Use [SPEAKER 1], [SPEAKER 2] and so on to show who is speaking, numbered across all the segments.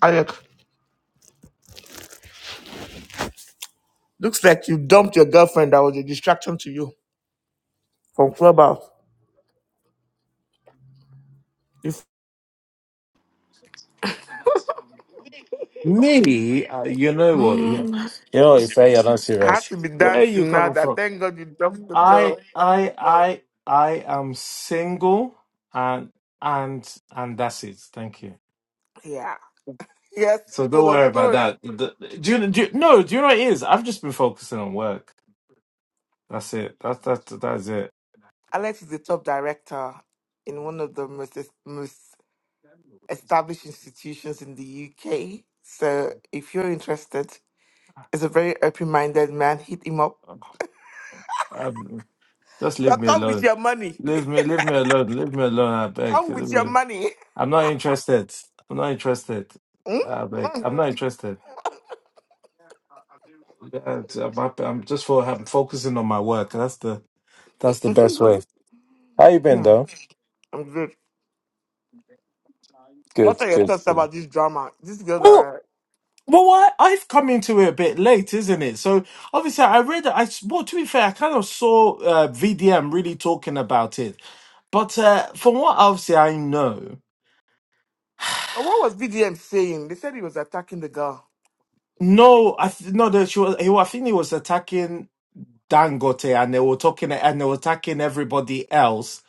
[SPEAKER 1] I, looks like you dumped your girlfriend that was a distraction to you from Clubhouse. If,
[SPEAKER 2] Me, uh, you know what?
[SPEAKER 1] Mm,
[SPEAKER 2] You, you know, if I am not
[SPEAKER 1] I have
[SPEAKER 2] serious,
[SPEAKER 1] to be
[SPEAKER 2] where are you
[SPEAKER 1] dancing now
[SPEAKER 2] coming
[SPEAKER 1] that
[SPEAKER 2] from?
[SPEAKER 1] thank God you dumped the girl.
[SPEAKER 2] I, I, I, I am single, and and and that's it. Thank you.
[SPEAKER 1] Yeah. Yes,
[SPEAKER 2] So don't
[SPEAKER 1] still,
[SPEAKER 2] worry
[SPEAKER 1] of
[SPEAKER 2] about
[SPEAKER 1] course.
[SPEAKER 2] that. The- the- Do you, do you, no? Do you know what it is? I've just been focusing on work. That's it. That's that's that's it.
[SPEAKER 1] Alex is the top director in one of the most, most established institutions in the UK. So if you're interested, he's a very open minded man. Hit him up.
[SPEAKER 2] Um, just leave
[SPEAKER 1] Uh,
[SPEAKER 2] me
[SPEAKER 1] Come with
[SPEAKER 2] alone.
[SPEAKER 1] your money.
[SPEAKER 2] Leave me, leave me alone. Leave me alone. I beg.
[SPEAKER 1] Come
[SPEAKER 2] Leave
[SPEAKER 1] with
[SPEAKER 2] me.
[SPEAKER 1] your money.
[SPEAKER 2] I'm not interested. I'm not interested.
[SPEAKER 1] Hmm?
[SPEAKER 2] Uh, like, I'm not interested. Uh, I'm, happy. I'm just for I'm focusing on my work. That's the that's the best way. How you been
[SPEAKER 1] Hmm.
[SPEAKER 2] though?
[SPEAKER 1] I'm good. What
[SPEAKER 2] Good,
[SPEAKER 1] are your
[SPEAKER 2] good.
[SPEAKER 1] thoughts
[SPEAKER 2] good.
[SPEAKER 1] about this drama? This girl
[SPEAKER 2] Well,
[SPEAKER 1] that
[SPEAKER 2] well, I, I've come into it a bit late, isn't it? So obviously, I read. I s- well, to be fair, I kind of saw uh, VDM really talking about it. But uh, from what obviously I know,
[SPEAKER 1] But what was BDM saying? They said he was attacking the girl.
[SPEAKER 2] no, I th- no, that she was. He, wa- I think he was attacking. Dangote and they were talking and they were attacking everybody else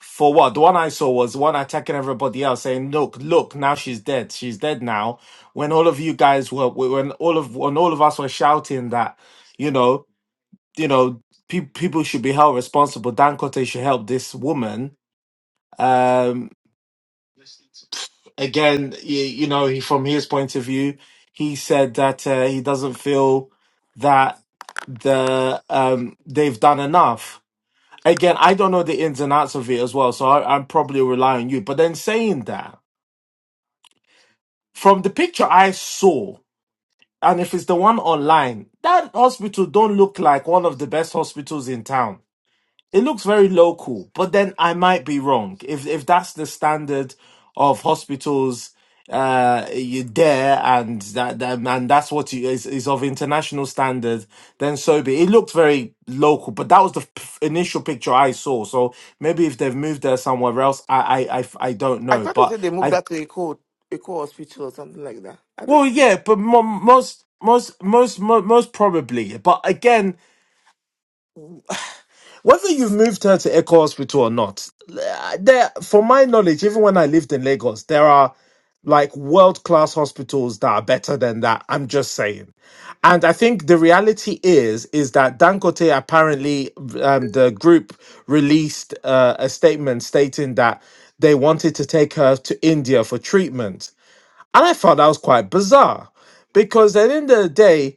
[SPEAKER 2] for what? The one I saw was one attacking everybody else, saying, "Look, look, now she's dead. She's dead now." When all of you guys were, when all of when all of us were shouting that, you know, you know, pe- people should be held responsible. Dangote should help this woman. Um, again, you, you know, he, from his point of view, he said that uh, he doesn't feel that the um they've done enough again, I don't know the ins and outs of it as well, so I, I'm probably relying on you. But then saying that, from the picture I saw, and if it's the one online, that hospital don't look like one of the best hospitals in town. It looks very cool, but then I- if that's the standard of those uh you there and that, that and that's what it is, then so be it. It looked very local but that was the p- initial picture i saw so maybe if they've moved there somewhere else i i i, I don't
[SPEAKER 1] I
[SPEAKER 2] know
[SPEAKER 1] thought they
[SPEAKER 2] but
[SPEAKER 1] said they
[SPEAKER 2] I.
[SPEAKER 1] moved her to Eco, Eco Hospital or something like that. I don't
[SPEAKER 2] Well,
[SPEAKER 1] know.
[SPEAKER 2] yeah, but mo- most, most, most, mo- most probably. yeah. But again, whether you've moved her to Echo Hospital or not, uh, there, from my knowledge, even when I lived in Lagos, there are like world class hospitals that are better than that. I'm just saying. And I think the reality is is that Dangote apparently um, the group released uh, a statement stating that they wanted to take her to India for treatment, and I thought that was quite bizarre because at the end of the day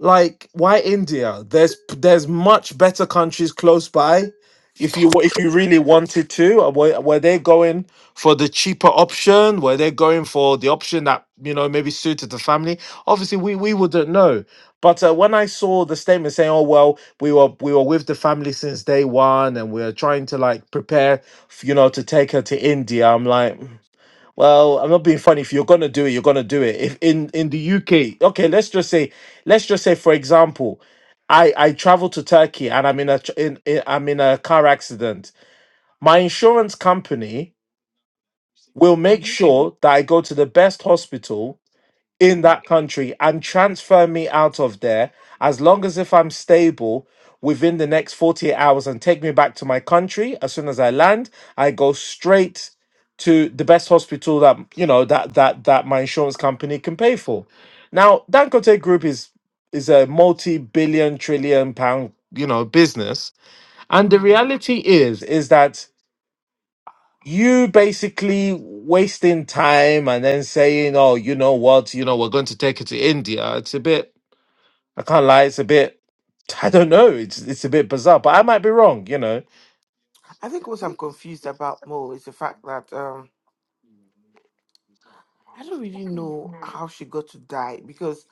[SPEAKER 2] Like, why India? There's there's much better countries close by. If you if you really wanted to, Uh, were, were they going for the cheaper option? Were they going for the option that you know maybe suited the family? Obviously, we we wouldn't know. But uh, when I saw the statement saying, "Oh well, we were we were with the family since day one, and we are trying to like prepare, f- you know, to take her to India," I'm like. Well, I'm not being funny. If you're gonna do it, you're gonna do it. If in in the UK, okay, let's just say, let's just say, for example, I I travel to Turkey and I'm in a tr- in, in I'm in a car accident. My insurance company will make
[SPEAKER 1] Mm-hmm,
[SPEAKER 2] sure that I go to the best hospital in
[SPEAKER 1] mm-hmm.
[SPEAKER 2] that country and transfer me out of there as long as if I'm stable within the next 48 hours and take me back to my country as soon as I land I go straight to the best hospital that you know that that that my insurance company can pay for now Dangote group is is a multi-billion trillion pound you know business and the
[SPEAKER 1] hmm
[SPEAKER 2] reality is is that you basically wasting time and then saying, "Oh, you know what? You know we're going to take it to India." It's a bit. I can't lie. It's a bit. I don't know. It's it's a bit bizarre, but I might be wrong. You know.
[SPEAKER 1] I think what I'm confused about more is the fact that um, I don't really know how she got to die because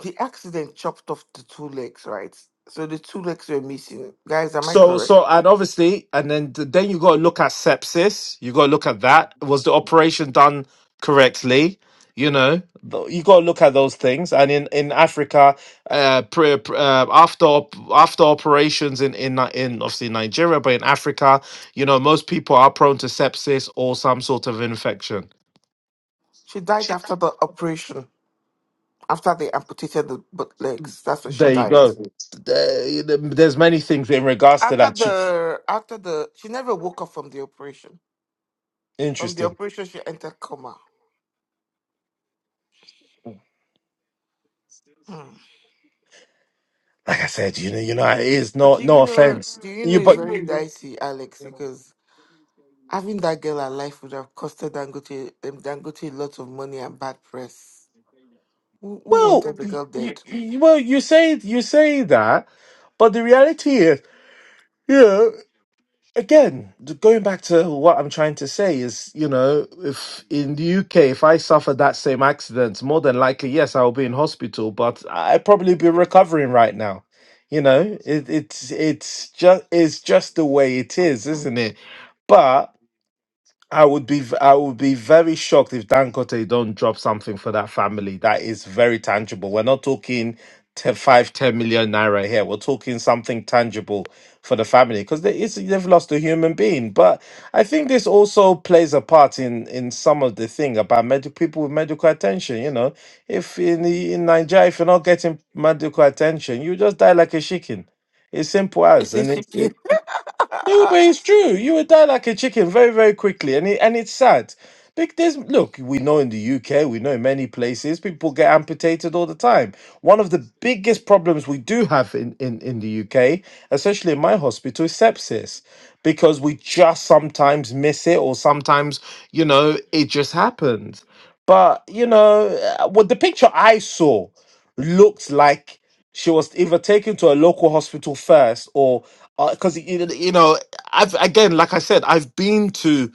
[SPEAKER 1] the accident chopped off the two legs, right? So the two legs were missing. Guys, am I
[SPEAKER 2] So,
[SPEAKER 1] correct?
[SPEAKER 2] so, and obviously, and then then you got to look at sepsis. You got to look at that. Was the operation done correctly? You know, th- you got to look at those things. And in in Africa, uh, pre, pre- uh after op- after operations in in Ni- in obviously Nigeria, but in Africa, you know, most people are prone to sepsis or some sort of infection.
[SPEAKER 1] She died after the operation, after they amputated the both legs. That's when she
[SPEAKER 2] There you
[SPEAKER 1] died.
[SPEAKER 2] go. There- There's many things in regards to
[SPEAKER 1] After
[SPEAKER 2] that. Ch-
[SPEAKER 1] the after the she never woke up from the operation. From the
[SPEAKER 2] Interesting.
[SPEAKER 1] operation, she entered coma. Hmm.
[SPEAKER 2] Like I said, you know, you know, it is
[SPEAKER 1] But
[SPEAKER 2] no
[SPEAKER 1] do you
[SPEAKER 2] no
[SPEAKER 1] know?
[SPEAKER 2] offense.
[SPEAKER 1] Do you know?
[SPEAKER 2] You
[SPEAKER 1] It's
[SPEAKER 2] but.
[SPEAKER 1] very dicey, Alex, because having that girl alive would have costed Dangote um, Dangote lots of money and bad press. Who, who
[SPEAKER 2] Well,
[SPEAKER 1] wanted the girl dead?
[SPEAKER 2] you, you, well, you say you say that, but the reality is, you know, again, th- going back to what I'm trying to say is, you know, if in the UK, if I suffer that same accident, more than likely, yes, I'll be in hospital, but I'd probably be recovering right now. You know, it, it's it's just it's just the way it
[SPEAKER 1] Oh,
[SPEAKER 2] is, isn't it? But. I would be I would be very shocked if Dangote don't drop something for that family that is very tangible. We're not talking te- five ten million naira here. We're talking something tangible for the family because they, it's, they've lost a human being. But I think this also plays a part in in some of the thing about medical people with medical attention. You know, if in the, in Nigeria if you're not getting medical attention, you just die like a chicken. It's simple as
[SPEAKER 1] It's
[SPEAKER 2] and
[SPEAKER 1] just you
[SPEAKER 2] it, it-
[SPEAKER 1] get.
[SPEAKER 2] no, but it's true. You would die like a chicken very, very quickly, and it, and it's sad. Big there's look, we know in the UK, we know in many places, people get amputated all the time. One of the biggest problems we do have in, in, in the UK, especially in my hospital, is sepsis. Because we just sometimes miss it, or sometimes, you know, it just happens. But, you know, uh, what the picture I saw looked like she was either taken to a local hospital first or because you you know i've again like i said i've been to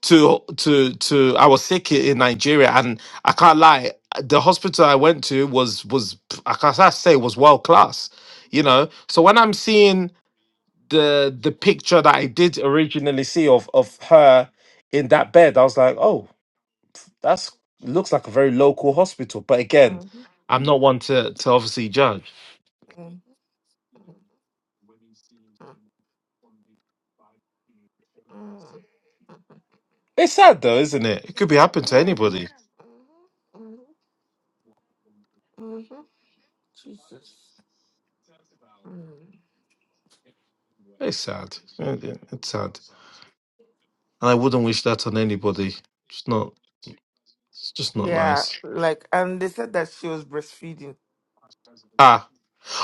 [SPEAKER 2] to to to i was sick in nigeria and i can't lie the hospital i went to was was i can't I say was world class you know so when i'm seeing the the picture that i did originally see of of her in that bed i was like oh that's looks like a very local hospital but again
[SPEAKER 1] Mm, mm,
[SPEAKER 2] i'm not one to to obviously judge
[SPEAKER 1] mm, mm, mm, mm. mm.
[SPEAKER 2] It's sad though, isn't it? It could be happened to
[SPEAKER 1] Yeah.
[SPEAKER 2] anybody.
[SPEAKER 1] Mhm, mhm. mhm. Jesus. Mm.
[SPEAKER 2] It's sad. Yeah, yeah, It's sad, and I wouldn't wish that on anybody. It's not. It's just not
[SPEAKER 1] Yeah,
[SPEAKER 2] nice.
[SPEAKER 1] like, and they said that she was breastfeeding.
[SPEAKER 2] Ah.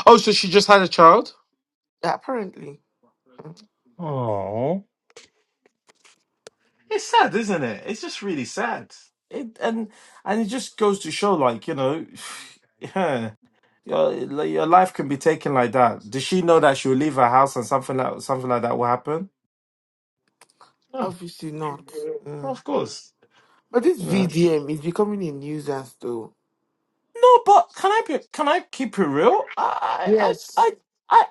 [SPEAKER 2] Oh, so she just had a child.
[SPEAKER 1] Apparently, Mm,
[SPEAKER 2] Oh. It's sad, isn't it? It's just really sad. It and and it just goes to show, like you know, yeah, your like, your life can be taken like that. Does she know that she'll leave her house and something like something like that will happen? No,
[SPEAKER 1] obviously not. Mm.
[SPEAKER 2] of course.
[SPEAKER 1] But this VDM is becoming a nuisance, though.
[SPEAKER 2] No, but can I be? Can I keep it real? I, I, I,
[SPEAKER 1] Yes.
[SPEAKER 2] I.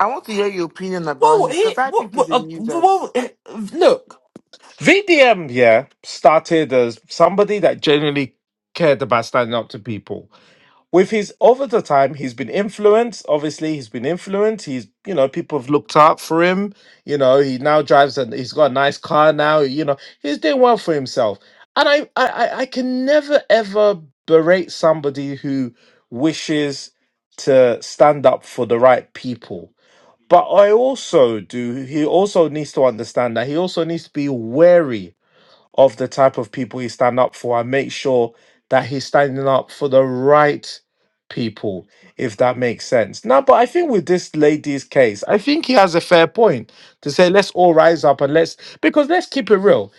[SPEAKER 1] I want to hear your opinion about
[SPEAKER 2] Well,
[SPEAKER 1] him
[SPEAKER 2] he,
[SPEAKER 1] because I
[SPEAKER 2] what,
[SPEAKER 1] think
[SPEAKER 2] what,
[SPEAKER 1] he's a
[SPEAKER 2] uh, well,
[SPEAKER 1] nuisance.
[SPEAKER 2] eh, look, VDM, yeah, started as somebody that genuinely cared about standing up to people with his over the time he's been influenced obviously he's been influenced he's you know people have looked up for him you know he now drives and he's got a nice car now you know he's doing well for himself and i i i I can never ever berate somebody who wishes to stand up for the right people but i also do he also needs to understand that he also needs to be wary of the type of people he stand up for and make sure that he's standing up for the right people, if that makes sense. Now, but I think with this lady's case, I think he has a fair point to say, let's all rise up and let's, because let's keep it real.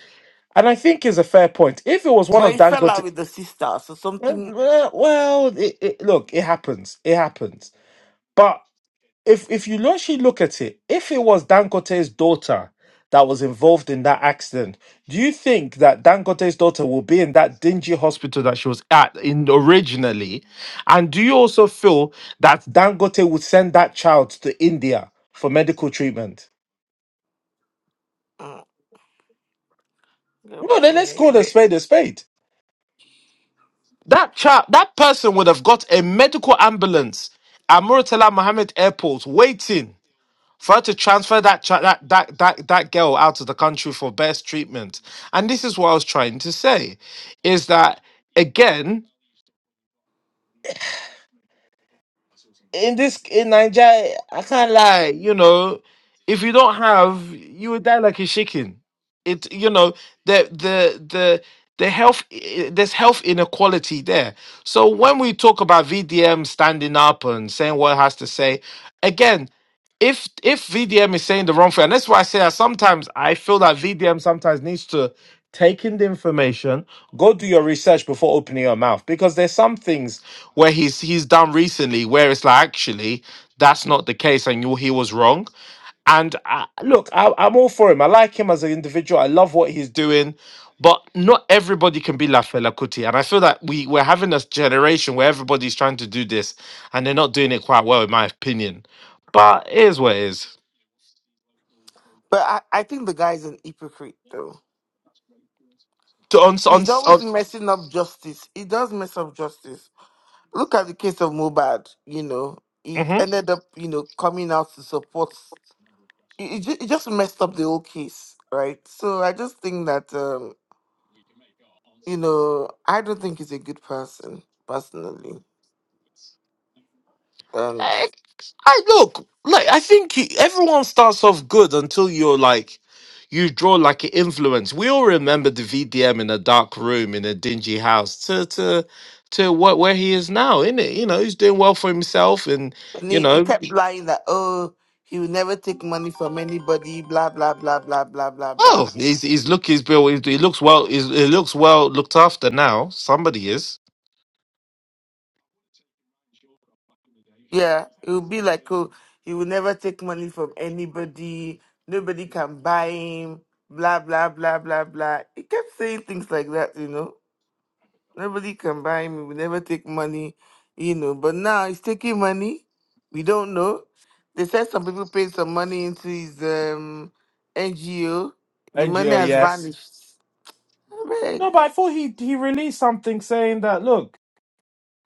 [SPEAKER 2] And I think is a fair point. If it was one
[SPEAKER 1] But
[SPEAKER 2] of
[SPEAKER 1] he fell
[SPEAKER 2] Dangote,
[SPEAKER 1] out with the sister, so
[SPEAKER 2] eh,
[SPEAKER 1] something.
[SPEAKER 2] well, it, it, look, it happens. It happens. But if if you actually look at it, if it was Dangote's daughter that was involved in that accident, do you think that Dangote's daughter will be in that dingy hospital that she was at in originally? And do you also feel that Dangote would send that child to India for medical treatment?
[SPEAKER 1] Mm, I get
[SPEAKER 2] No,
[SPEAKER 1] what
[SPEAKER 2] then
[SPEAKER 1] you
[SPEAKER 2] let's call a
[SPEAKER 1] mean.
[SPEAKER 2] spade a spade. That child, that person would have got a medical ambulance at Muratala Mohammed Airport waiting. for her to transfer that, cha- that that that that girl out of the country for best treatment. And this is what I was trying to say, is that again in this in Nigeria, I can't lie. You know, if you don't have, you would die like a chicken. It you know the the the the health i- there's health inequality there. So when we talk about VDM standing up and saying what it has to say, again if if VDM is saying the wrong thing, and that's why I say that sometimes I feel that VDM sometimes needs to take in the information, go do your research before opening your mouth because there's some things where he's he's done recently where it's like actually that's not the case and you he was wrong. And I, look, I, I'm all for him. I like him as an individual. I love what he's doing, but not everybody can be Lafela Kuti. And I feel that we we're having a generation where everybody's trying to do this, and they're not doing it quite well, in my opinion. But it is what it is.
[SPEAKER 1] But I, I think the guy's an hypocrite, though.
[SPEAKER 2] To- On on,
[SPEAKER 1] He's always
[SPEAKER 2] on
[SPEAKER 1] messing up justice. He does mess up justice. Look at the case of Mobad, you know. He ended up, you know, coming out to support. He, he ju- he just messed up the whole case, right? So I just think that. um, you know, I don't think he's a good person personally. And
[SPEAKER 2] Mhm. I look like I think you, everyone starts off good until you're like you draw like an influence. We all remember the VDM in a dark room in a dingy house to to to what where he is now, isn't it? You know, he's doing well for himself, and
[SPEAKER 1] and
[SPEAKER 2] you
[SPEAKER 1] he, he
[SPEAKER 2] know,
[SPEAKER 1] kept lying that oh he will never take money from anybody, blah blah blah blah blah blah blah.
[SPEAKER 2] oh, he's he's look he's built he's, he looks well he's, he looks well looked after now. Somebody is.
[SPEAKER 1] Yeah, it would be like oh he will never take money from anybody, nobody can buy him, blah blah blah blah blah. He kept saying things like that, you know. Nobody can buy me. We never take money, you know. But now he's taking money. We don't know. They said some people paid some money into his um, NGO. The money
[SPEAKER 2] NGO,
[SPEAKER 1] has
[SPEAKER 2] yes.
[SPEAKER 1] vanished. I beg.
[SPEAKER 2] No, but I thought he he released something saying that look,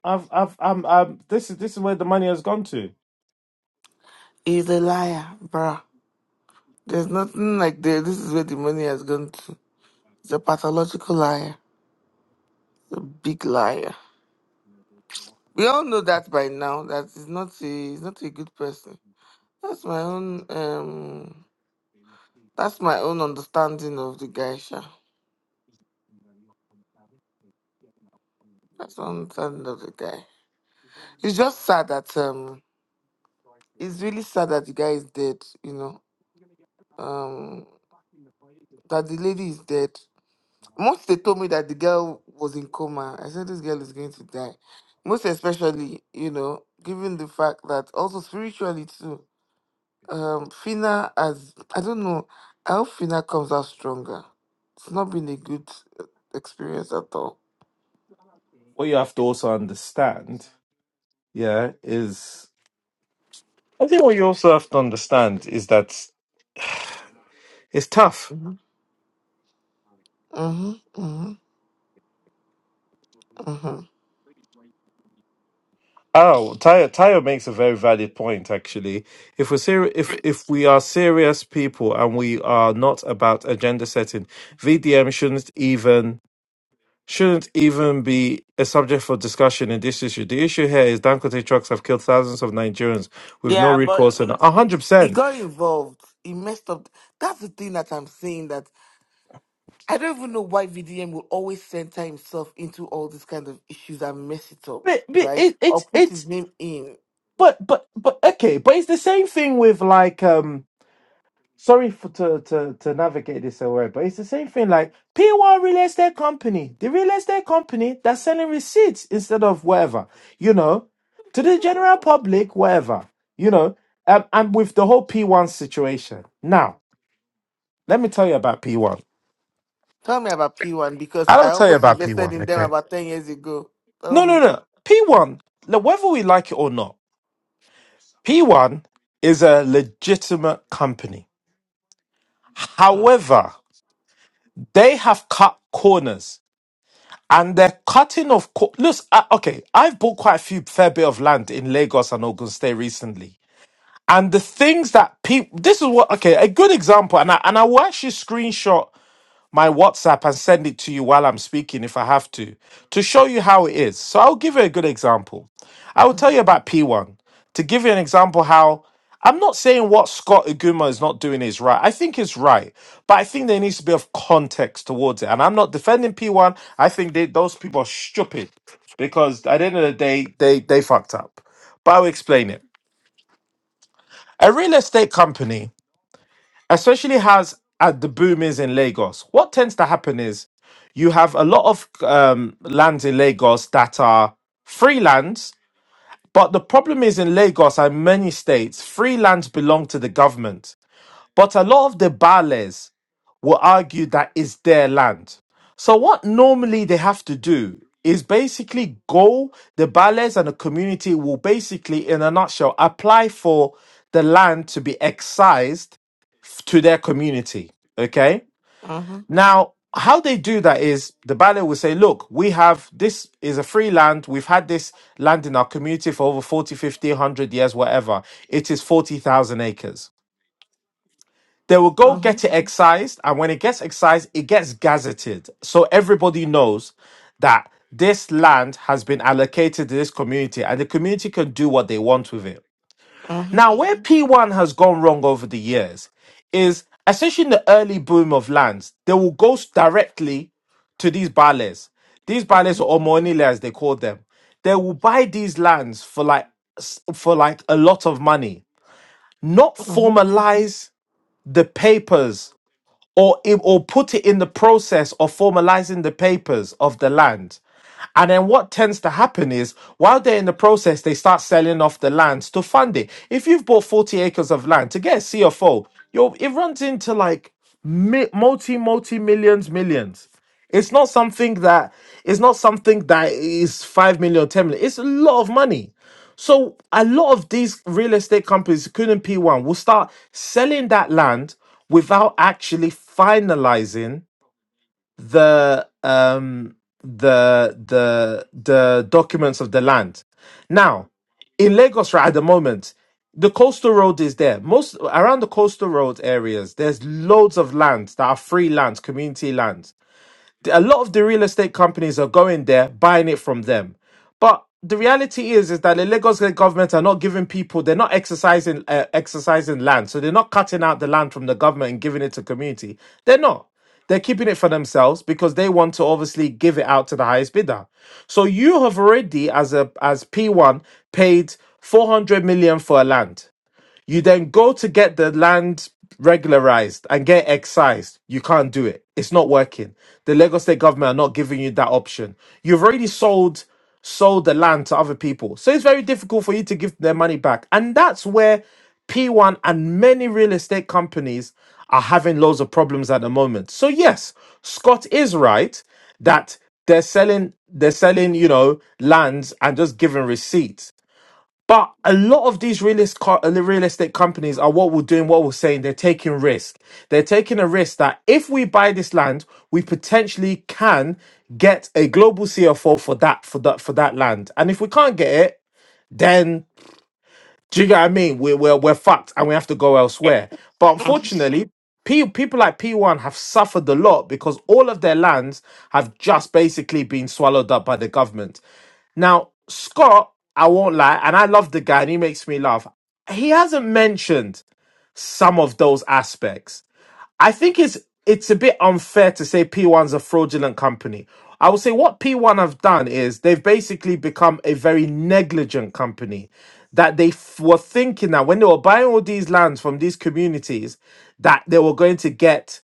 [SPEAKER 2] I've I've I'm, i this is this is where the money has gone to.
[SPEAKER 1] He's a liar, bruh. There's nothing like that. This is where the money has gone to. He's a pathological liar. a big liar. We all know that by now. That he's not a he's not a good person. That's my own um. That's my own understanding of the guy. Sha. That's one thing of the guy. It's just sad that um, it's really sad that the guy is dead. You know, um, that the lady is dead. Once they told me that the girl was in coma, I said this girl is going to die. Most especially, you know, given the fact that also spiritually too, um, Fina has I don't know how Fina comes out stronger. It's not been a good uh, experience at all.
[SPEAKER 2] what you have to also understand, yeah, is I think what you also have to understand is that it's tough.
[SPEAKER 1] Mm-hmm. Mm-hmm. Mm-hmm.
[SPEAKER 2] Oh, Tayo, Tayo makes a very valid point actually. If we're seri- if if we are serious people and we are not about agenda setting, VDM shouldn't even shouldn't even be a subject for discussion in this issue. The issue here is Dangote trucks have killed thousands of Nigerians with no
[SPEAKER 1] Yeah,
[SPEAKER 2] recourse and
[SPEAKER 1] but
[SPEAKER 2] a hundred
[SPEAKER 1] he
[SPEAKER 2] percent.
[SPEAKER 1] got involved. He messed up. That's the thing that I'm saying that I don't even know why VDM will always center himself into all these kind of issues and mess it up,
[SPEAKER 2] But, but
[SPEAKER 1] right?
[SPEAKER 2] it,
[SPEAKER 1] Or
[SPEAKER 2] it,
[SPEAKER 1] put
[SPEAKER 2] it,
[SPEAKER 1] his name in.
[SPEAKER 2] but but but okay but it's the same thing with like um sorry for to to to navigate this away but it's the same thing like p1 real estate company the real estate company that's selling receipts instead of whatever you know to the general public whatever you know um, and with the whole p1 situation now let me tell you about p1
[SPEAKER 1] Tell me about P1 because
[SPEAKER 2] i
[SPEAKER 1] I
[SPEAKER 2] will tell you
[SPEAKER 1] almost
[SPEAKER 2] about
[SPEAKER 1] invested
[SPEAKER 2] p1
[SPEAKER 1] in them
[SPEAKER 2] okay
[SPEAKER 1] about 10 years ago. Tell
[SPEAKER 2] no no
[SPEAKER 1] me.
[SPEAKER 2] no p1 look, whether we like it or not p1 is a legitimate company
[SPEAKER 1] Mm,
[SPEAKER 2] however They have cut corners and they're cutting off. Cor- Look, I, okay, I've bought quite a few fair bit of land in Lagos and Ogun State recently. And the things that people, this is what, okay, a good example, and I, and I will actually screenshot my WhatsApp and send it to you while I'm speaking if I have to, to show you how it is. So I'll give you a good example. I will tell
[SPEAKER 1] mhm,
[SPEAKER 2] you about P1 to give you an example how I'm not saying what Scott Aguma is not doing is right. I think it's right, but I think there needs to be of context towards it. And I'm not defending P1. I think they, those people are stupid because at the end of the day, they they fucked up. But I'll explain it. A real estate company especially as at the boom is in Lagos, what tends to happen is you have a lot of um, lands in Lagos that are free lands, but the problem is in Lagos and many states, free lands belong to the government. But a lot of the bales will argue that it's their land. So what normally they have to do is basically go the bales and the community will basically in a nutshell apply for the land to be excised to their community. Okay.
[SPEAKER 1] mhm,
[SPEAKER 2] Now, how they do that is the ballet will say, look, we have this is a free land. We've had this land in our community for over 40, fifty, one hundred years, whatever. It is 40,000 acres. They will go
[SPEAKER 1] mhm,
[SPEAKER 2] get it excised. And when it gets excised, it gets gazetted. So everybody knows that this land has been allocated to this community and the community can do what they want with it.
[SPEAKER 1] mhm,
[SPEAKER 2] Now, where P1 has gone wrong over the years is especially in the early boom of lands, they will go s- directly to these bales. These bales
[SPEAKER 1] mhm,
[SPEAKER 2] or monile as they call them. They will buy these lands for like s- for like a lot of money. Not
[SPEAKER 1] mhm,
[SPEAKER 2] formalize the papers or i- or put it in the process of formalizing the papers of the land. And then what tends to happen is while they're in the process, they start selling off the lands to fund it. If you've bought 40 acres of land to get a CFO, you're, it runs into like mi- multi, multi millions, millions. It's not something that it's not something that is five million, ten million. It's a lot of money. So a lot of these real estate companies, including P1, will start selling that land without actually finalizing the um the the the documents of the land. Now, in Lagos right at the moment, the coastal road is there. Most around the coastal road areas, there's loads of land that are free land, community land a lot of the real estate companies are going there buying it from them but the reality is is that the lagos state government are not giving people they're not exercising uh, exercising land so they're not cutting out the land from the government and giving it to community they're not they're keeping it for themselves because they want to obviously give it out to the highest bidder so you have already as a as p1 paid 400 million for a land you then go to get the land regularized and get excised. You can't do it. It's not working. The Lagos State government are not giving you that option. You've already sold sold the land to other people. So it's very difficult for you to give their money back. And that's where P1 and many real estate companies are having loads of problems at the moment. So yes, Scott is right that they're selling they're selling, you know, lands and just giving receipts but a lot of these realist car, uh, real estate companies are what we're doing, what we're saying. They're taking risk. They're taking a risk that if we buy this land, we potentially can get a global CFO for that for that for that land. And if we can't get it, then do you get what I mean? We're, we're, we're fucked and we have to go elsewhere. But unfortunately, P, people like P1 have suffered a lot because all of their lands have just basically been swallowed up by the government. Now, Scott, I won't lie, and I love the guy and he makes me laugh. He hasn't mentioned some of those aspects I think it's it's a bit unfair to say P1's a fraudulent company. I would say what P1 have done is they've basically become a very negligent company that they f- were thinking that when they were buying all these lands from these communities that they were going to get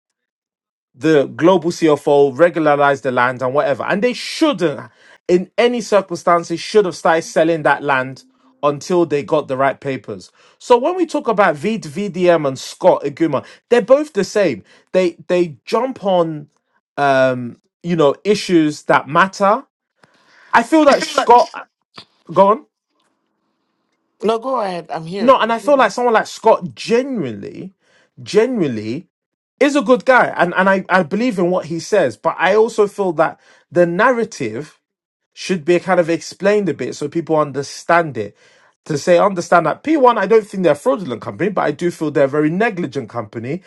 [SPEAKER 2] the global CFO, regularize the land and whatever. And they shouldn't, in any circumstances, should have started selling that land until they got the right papers. So when we talk about v- VDM and Scott Iguma, they're both the same. They they jump on um, you know, issues that matter. I feel that Scott
[SPEAKER 1] mhm.
[SPEAKER 2] go on.
[SPEAKER 1] No, go ahead. I'm here.
[SPEAKER 2] No, and I feel like someone like Scott genuinely, genuinely is a good guy and, and I, I believe in what he says but i also feel that the narrative should be kind of explained a bit so people understand it to say understand that p1 i don't think they're a fraudulent company but i do feel they're a very negligent company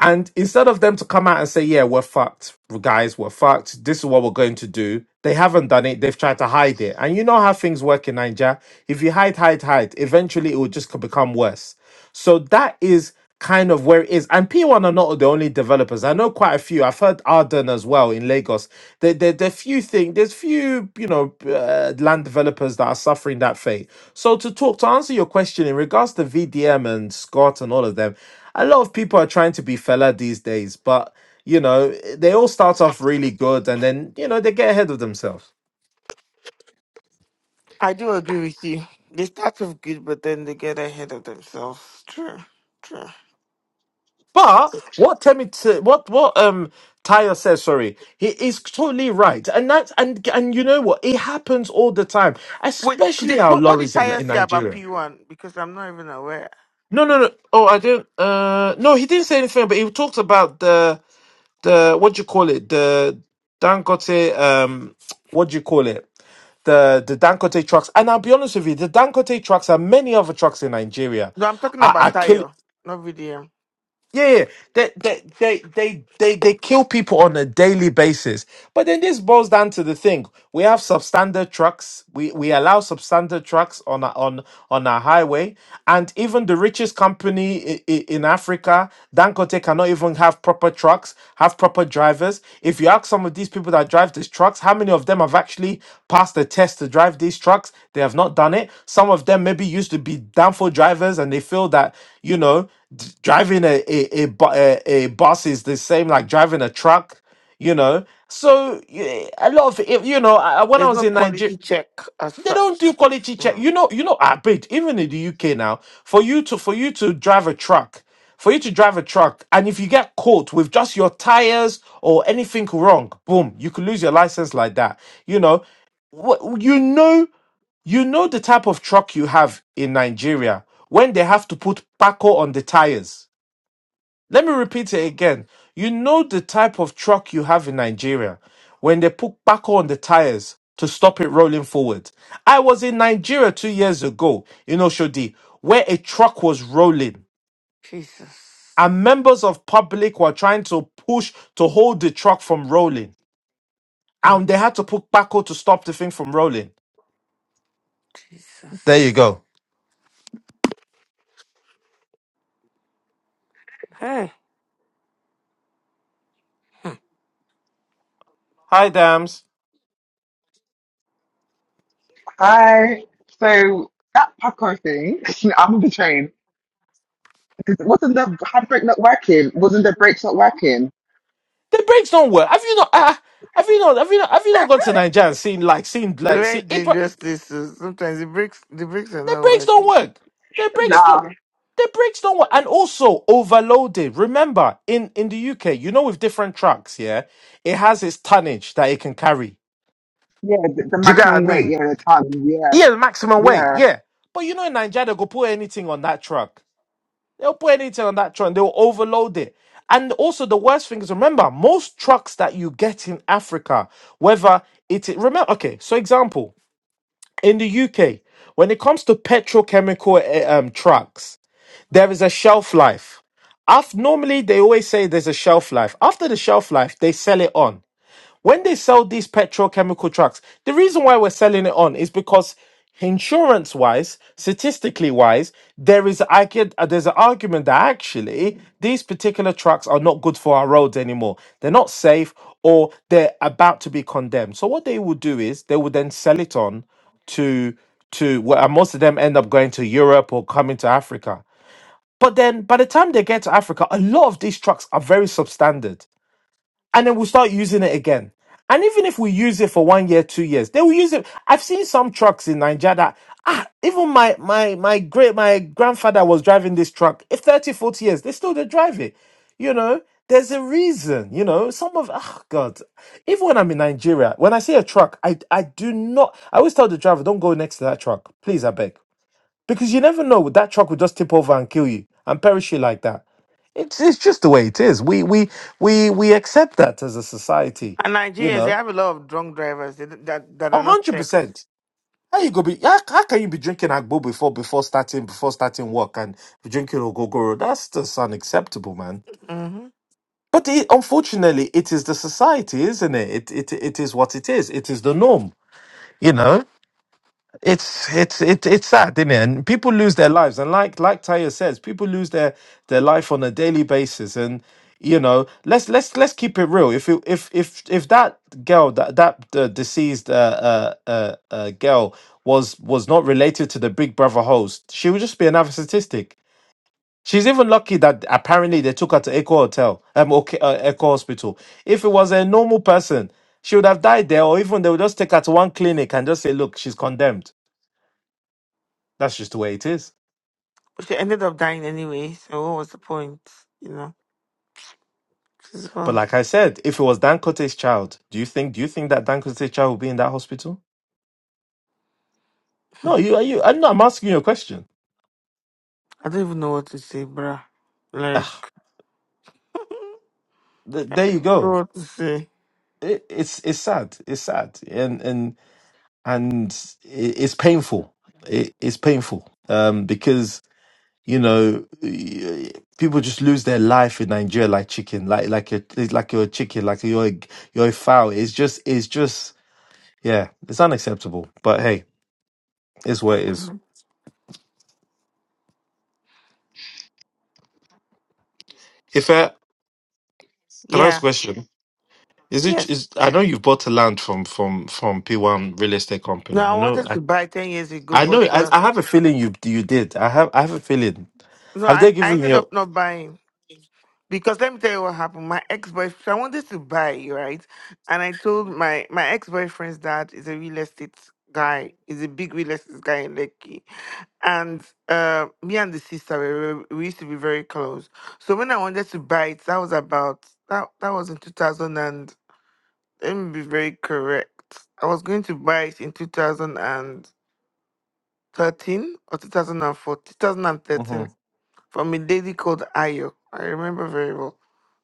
[SPEAKER 2] and instead of them to come out and say yeah we're fucked guys we're fucked this is what we're going to do they haven't done it they've tried to hide it and you know how things work in nigeria if you hide hide hide eventually it will just become worse so that is kind of where it is. And P1 are not the only developers. I know quite a few. I've heard Arden as well in Lagos. There, there, there are few thing. there's few, you know, uh, land developers that are suffering that fate. So to talk, to answer your question in regards to VDM and Scott and all of them, a lot of people are trying to be fella these days, but you know, they all start off really good and then, you know, they get ahead of themselves.
[SPEAKER 1] I do agree with you. They start off good, but then they get ahead of themselves. True. True.
[SPEAKER 2] But what Temi, t- what what um Tyre says, sorry, he is totally right, and that's and and you know what, it happens all the time,
[SPEAKER 1] Wait,
[SPEAKER 2] especially
[SPEAKER 1] did,
[SPEAKER 2] our
[SPEAKER 1] what, what did
[SPEAKER 2] lorries in
[SPEAKER 1] Tayo
[SPEAKER 2] in
[SPEAKER 1] say about
[SPEAKER 2] Nigeria.
[SPEAKER 1] P1? Because I'm not even aware.
[SPEAKER 2] No, no, no. Oh, I didn't. Uh, no, he didn't say anything, but he talked about the the what do you call it? The Dangote. Um, what do you call it? The the Dangote trucks. And I'll be honest with you, the Dangote trucks and many other trucks in Nigeria
[SPEAKER 1] No, I'm talking
[SPEAKER 2] are, are
[SPEAKER 1] about
[SPEAKER 2] killing.
[SPEAKER 1] Tayo, not VDM.
[SPEAKER 2] Yeah, yeah. They, they, they, they, they, they kill people on a daily basis. But then this boils down to the thing: we have substandard trucks. We we allow substandard trucks on our- on on our highway, and even the richest company i- i- in Africa, Dangote, cannot even have proper trucks, have proper drivers. If you ask some of these people that drive these trucks, how many of them have actually passed the test to drive these trucks? They have not done it. Some of them maybe used to be downfall drivers and they feel that, you know, d- driving a, a, a, bu- a, a bus is the same like driving a truck, you know. So y- a lot of, if- you know, I, I- when I
[SPEAKER 1] There's
[SPEAKER 2] was
[SPEAKER 1] no
[SPEAKER 2] in Nigeria,
[SPEAKER 1] quality check as
[SPEAKER 2] they don't do
[SPEAKER 1] such.
[SPEAKER 2] quality check.
[SPEAKER 1] Mm.
[SPEAKER 2] You know, you know, I bet even in the UK now, for you to for you to drive a truck, for you to drive a truck, and if you get caught with just your tires or anything wrong, boom, you could lose your license like that. You know, Wh- you know, you know the type of truck you have in Nigeria when they have to put Paco on the tires let me repeat it again. You know the type of truck you have in Nigeria when they put backhoe on the tires to stop it rolling forward. I was in Nigeria two years ago in Oshodi where a truck was rolling
[SPEAKER 1] Jesus.
[SPEAKER 2] and members of public were trying to push to hold the truck from rolling
[SPEAKER 1] Mm.
[SPEAKER 2] and they had to put backhoe to stop the thing from rolling. There you
[SPEAKER 1] Jesus.
[SPEAKER 2] go.
[SPEAKER 1] Hey.
[SPEAKER 2] Hi, Dams.
[SPEAKER 3] I so that popcorn thing, I'm on the train. 'Cause Wasn't the handbrake not working? Wasn't the brakes not working?
[SPEAKER 2] The brakes don't work. Have you not? Uh, have you not? Have you not? Have you not gone to Nigeria and seen like seen like
[SPEAKER 1] Very
[SPEAKER 2] see?
[SPEAKER 1] dangerous this is. Sometimes the brakes, the brakes are
[SPEAKER 2] Their
[SPEAKER 1] not
[SPEAKER 2] brakes don't
[SPEAKER 1] working.
[SPEAKER 2] work. Their brakes do-
[SPEAKER 3] Nah.
[SPEAKER 2] the brakes don't work. And also overloaded. Remember, in in the UK, you know, with different trucks, yeah, it has its tonnage that it can carry.
[SPEAKER 3] Yeah, the, the
[SPEAKER 2] Do you get what I
[SPEAKER 3] maximum weight,
[SPEAKER 2] mean?
[SPEAKER 3] yeah, the ton, yeah,
[SPEAKER 2] Yeah, the maximum weight.
[SPEAKER 3] yeah.
[SPEAKER 2] Yeah, but you know, in Nigeria, they go put anything on that truck. They'll put anything on that truck. and They'll overload it. And also, the worst thing is remember, most trucks that you get in Africa, whether it is, remember, okay, so example in the UK, when it comes to petrochemical eh, um trucks there is a shelf life. After, normally, they always say there's a shelf life. After the shelf life, they sell it on. When they sell these petrochemical trucks, the reason why we're selling it on is because insurance wise, statistically wise, there is I get, uh, there's an argument that actually these particular trucks are not good for our roads anymore. They're not safe or they're about to be condemned. So what they will do is they will then sell it on to to well, most of them end up going to Europe or coming to Africa but then by the time they get to Africa, a lot of these trucks are very substandard. And then we'll start using it again. And even if we use it for one year, two years, they will use it. I've seen some trucks in Nigeria that ah, even my my my great my grandfather was driving this truck. If 30, 40 years, they still they drive it. You know, there's a reason, you know. Some of oh God. Even when I'm in Nigeria, when I see a truck, I I do not I always tell the driver, don't go next to that truck. Please, I beg because you never know, that truck will just tip over and kill you and perish you like that. It's it's just the way it is. We we we we accept that as a society,
[SPEAKER 1] And
[SPEAKER 2] you
[SPEAKER 1] Nigerians, they
[SPEAKER 2] know.
[SPEAKER 1] have a lot of drunk drivers they, don't- that, that
[SPEAKER 2] A
[SPEAKER 1] are not
[SPEAKER 2] hundred
[SPEAKER 1] checked.
[SPEAKER 2] percent. How you go be how, how can you be drinking agbo before before starting before starting work and be drinking ogogoro? That's just unacceptable, man.
[SPEAKER 1] hmm
[SPEAKER 2] But it, unfortunately, it is the society, isn't it? It it it is what it is. It is the norm, you know. It's it's it it's sad, isn't it? And people lose their lives, and like like Taya says, people lose their their life on a daily basis. And you know, let's let's let's keep it real. If it, if if if that girl that that uh, deceased uh, uh uh uh girl was was not related to the Big Brother host, she would just be another statistic. She's even lucky that apparently they took her to Echo Hotel, um, okay, uh, Echo Hospital. If it was a normal person, she would have died there, or even they would just take her to one clinic and just say, "Look, she's condemned." That's just the way it is.
[SPEAKER 1] She ended up dying anyway, so what was the point? You know? She's,
[SPEAKER 2] But
[SPEAKER 1] well,
[SPEAKER 2] like I said, if it was Dan Cote's child, do you think do you think that Dan Cote's child would be in that hospital? No, you are you. I'm not. I'm asking you a question.
[SPEAKER 1] I don't even know what to say, bruh.
[SPEAKER 2] Ah,
[SPEAKER 1] Like,
[SPEAKER 2] th-
[SPEAKER 1] I
[SPEAKER 2] there
[SPEAKER 1] don't
[SPEAKER 2] you
[SPEAKER 1] even know
[SPEAKER 2] go.
[SPEAKER 1] what to say.
[SPEAKER 2] It, it's it's sad. It's sad, and and and it, it's painful. It, it's painful um, because you know y- people just lose their life in Nigeria like chicken, like like you're it's like you're a chicken, like you're a, you're a fowl. It's just it's just yeah, it's unacceptable. But hey, it's what it is. Ife, Can I ask a
[SPEAKER 1] Yeah.
[SPEAKER 2] question? Is it
[SPEAKER 1] Yes.
[SPEAKER 2] is I know you've bought a land from from from P1 Real Estate
[SPEAKER 1] No,
[SPEAKER 2] Company. I
[SPEAKER 1] I
[SPEAKER 2] know
[SPEAKER 1] wanted
[SPEAKER 2] I,
[SPEAKER 1] to buy 10 years ago,
[SPEAKER 2] I know
[SPEAKER 1] but
[SPEAKER 2] I,
[SPEAKER 1] uh,
[SPEAKER 2] I have a feeling you you did. I have I have a feeling.
[SPEAKER 1] no,
[SPEAKER 2] Have they
[SPEAKER 1] I, I
[SPEAKER 2] given you
[SPEAKER 1] ended
[SPEAKER 2] your
[SPEAKER 1] up not buying. Because let me tell you what happened. My ex boyfriend, I wanted to buy, right? And I told my, my ex boyfriend's dad is a real estate guy, is a big real estate guy in Lekki. And uh, me and the sister, we, were- we used to be very close. So when I wanted to buy it, that was about, that, that was in 2000 and, let me be very correct. I was going to buy it in 2000 and 13 or 2004, 2013
[SPEAKER 2] Mhm,
[SPEAKER 1] from a lady called Ayo. I remember very well.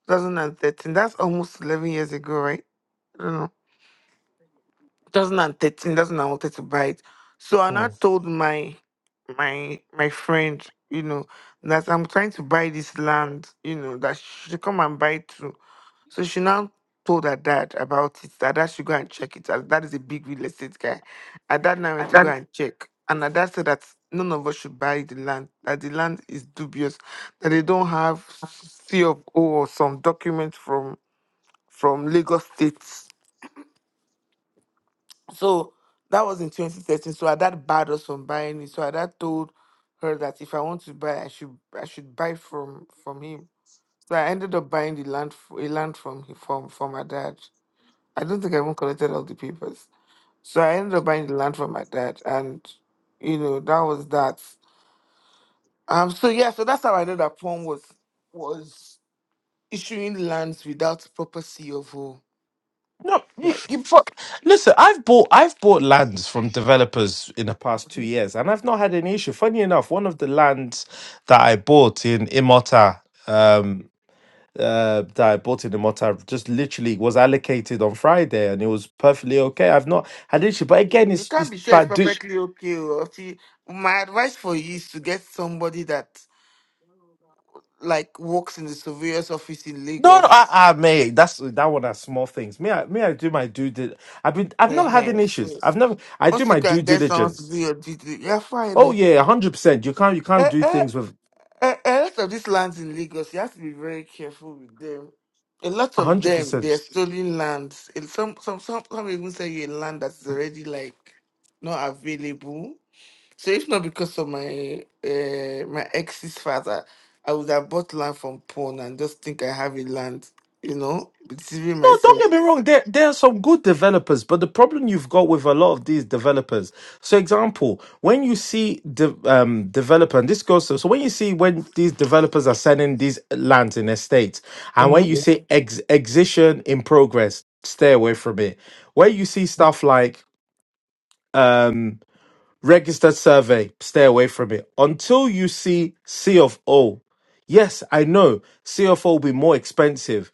[SPEAKER 1] 2013. That's almost 11 years ago, right? I don't know. 2013. That's when I wanted to buy it. So I now
[SPEAKER 2] mhm.
[SPEAKER 1] told my my my friend, you know, that I'm trying to buy this land, you know, that she should come and buy it too. So she now told her dad about it. That dad should go and check it. Her dad is a big real estate guy. Her dad now went to go and check. And her dad said that none of us should buy the land, that the land is dubious, that they don't have C of O or some documents from from Lagos State. So that was in 2013. So her dad barred us from buying it. So her dad told her that if I want to buy, I should I should buy from from him. So I ended up buying the land f- a land from hi- from from my dad. I don't think I even collected all the papers. So I ended up buying the land from my dad, and you know that was that. Um. So yeah. So that's how I know that Pong was was issuing lands without proper CFO.
[SPEAKER 2] No, you,
[SPEAKER 1] Like
[SPEAKER 2] you fuck. Listen, I've bought I've bought lands from developers in the past two years, and I've not had any issue. Funny enough, one of the lands that I bought in Imota, um, uh, that I bought in the Motta just literally was allocated on Friday, and it was perfectly okay. I've not had an issue, but again,
[SPEAKER 1] you
[SPEAKER 2] it's
[SPEAKER 1] can't
[SPEAKER 2] it's
[SPEAKER 1] be sure it's
[SPEAKER 2] like do.
[SPEAKER 1] perfectly okay. Or if you, my advice for you is to get somebody that like works in the surveyor's office in
[SPEAKER 2] No, no,
[SPEAKER 1] Lagos.
[SPEAKER 2] I, I may. That's that one. Are small things. Me, I, me, I do my due. Di- I've been. I've never had
[SPEAKER 1] Ehen,
[SPEAKER 2] any
[SPEAKER 1] so
[SPEAKER 2] issues. I've never. I do
[SPEAKER 1] Once you
[SPEAKER 2] my due
[SPEAKER 1] can get someone to
[SPEAKER 2] diligence.
[SPEAKER 1] do your duty, you're
[SPEAKER 2] Oh
[SPEAKER 1] fine.
[SPEAKER 2] yeah, hundred percent. You can't. You can't do
[SPEAKER 1] Then.
[SPEAKER 2] things with
[SPEAKER 1] A, a lot of these lands in Lagos, you have to be very careful with them. A lot of
[SPEAKER 2] hundred
[SPEAKER 1] them, they're
[SPEAKER 2] percent.
[SPEAKER 1] stolen lands. And some, some, some, some even sell you a land that's already like not available. So if not because of my uh, my ex's father, I would have bought land from pawn and just think I have a land, you know, deceiving
[SPEAKER 2] No, don't
[SPEAKER 1] myself.
[SPEAKER 2] get me wrong. There, there are some good developers, but the problem you've got with a lot of these developers. So, example, when you see the um, developer, and this goes to, so when you see when these developers are selling these lands in estates, and
[SPEAKER 1] hmm
[SPEAKER 2] when you see ex- exition in progress, stay away from it. Where you see stuff like um, registered survey, stay away from it. Until you see C of O, Yes, I know. CFO will be more expensive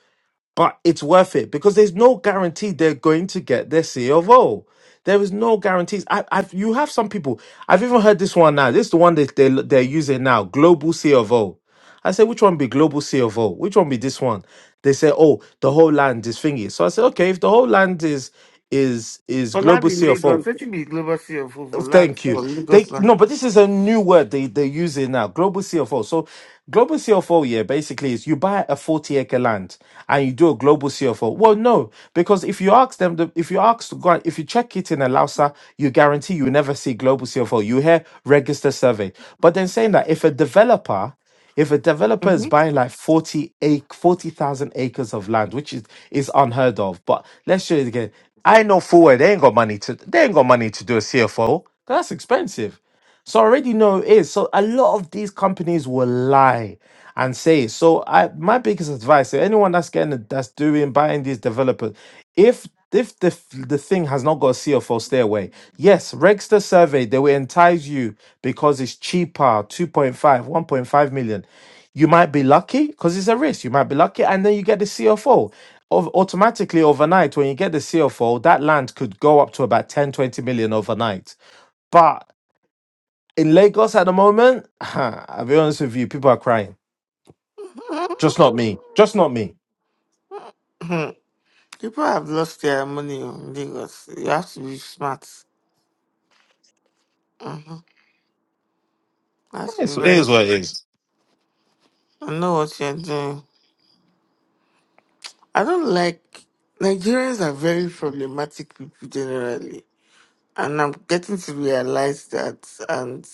[SPEAKER 2] but it's worth it because there's no guarantee they're going to get their C of O. There is no guarantees. I, I've you have some people. I've even heard this one now. This is the one that they they're using now. Global C of O. I said, which one be global C of O? Which one be this one? They say, oh, the whole land is thingy. So I said, okay, if the whole land is is is
[SPEAKER 1] For land
[SPEAKER 2] global
[SPEAKER 1] in
[SPEAKER 2] C of O,
[SPEAKER 1] Lagos, let me global city of hope for land
[SPEAKER 2] Thank you.
[SPEAKER 1] for
[SPEAKER 2] They
[SPEAKER 1] Lagos land.
[SPEAKER 2] no, but this is a new word they they're using now. Global CFO. So global CFO, yeah, basically is you buy a 40 acre land and you do a global CFO. Well, no, because if you ask them, the, if you ask to go, out- if you check it in a Lausa, you guarantee you never see global CFO. You hear register survey. But then saying that if a developer if a developer is
[SPEAKER 1] Mhm.
[SPEAKER 2] buying like 40 ac- 40,000 acres of land, which is, is unheard of, but let's show it again. I know full well they ain't got money to they ain't got money to do a CFO. 'cause That's expensive. So I already know it is. So a lot of these companies will lie and say so i my biggest advice to anyone that's getting that's doing buying these developers if if the f- the thing has not got a C F O, stay away. Yes, Regster survey they will entice you because it's cheaper, two point five, one point five million. You might be lucky because it's a risk. You might be lucky, and then you get the CFO. Of, automatically overnight, when you get the CFO, that land could go up to about ten twenty million overnight. But in Lagos at the moment, I'll be honest with you, people are crying just not me. Just not me.
[SPEAKER 1] People have lost their money in Lagos. You have to be smart. Mm-hmm. That's
[SPEAKER 2] It's, it
[SPEAKER 1] very.
[SPEAKER 2] is what it is.
[SPEAKER 1] I know what you're doing. I don't like Nigerians are very problematic people generally, and I'm getting to realize that. And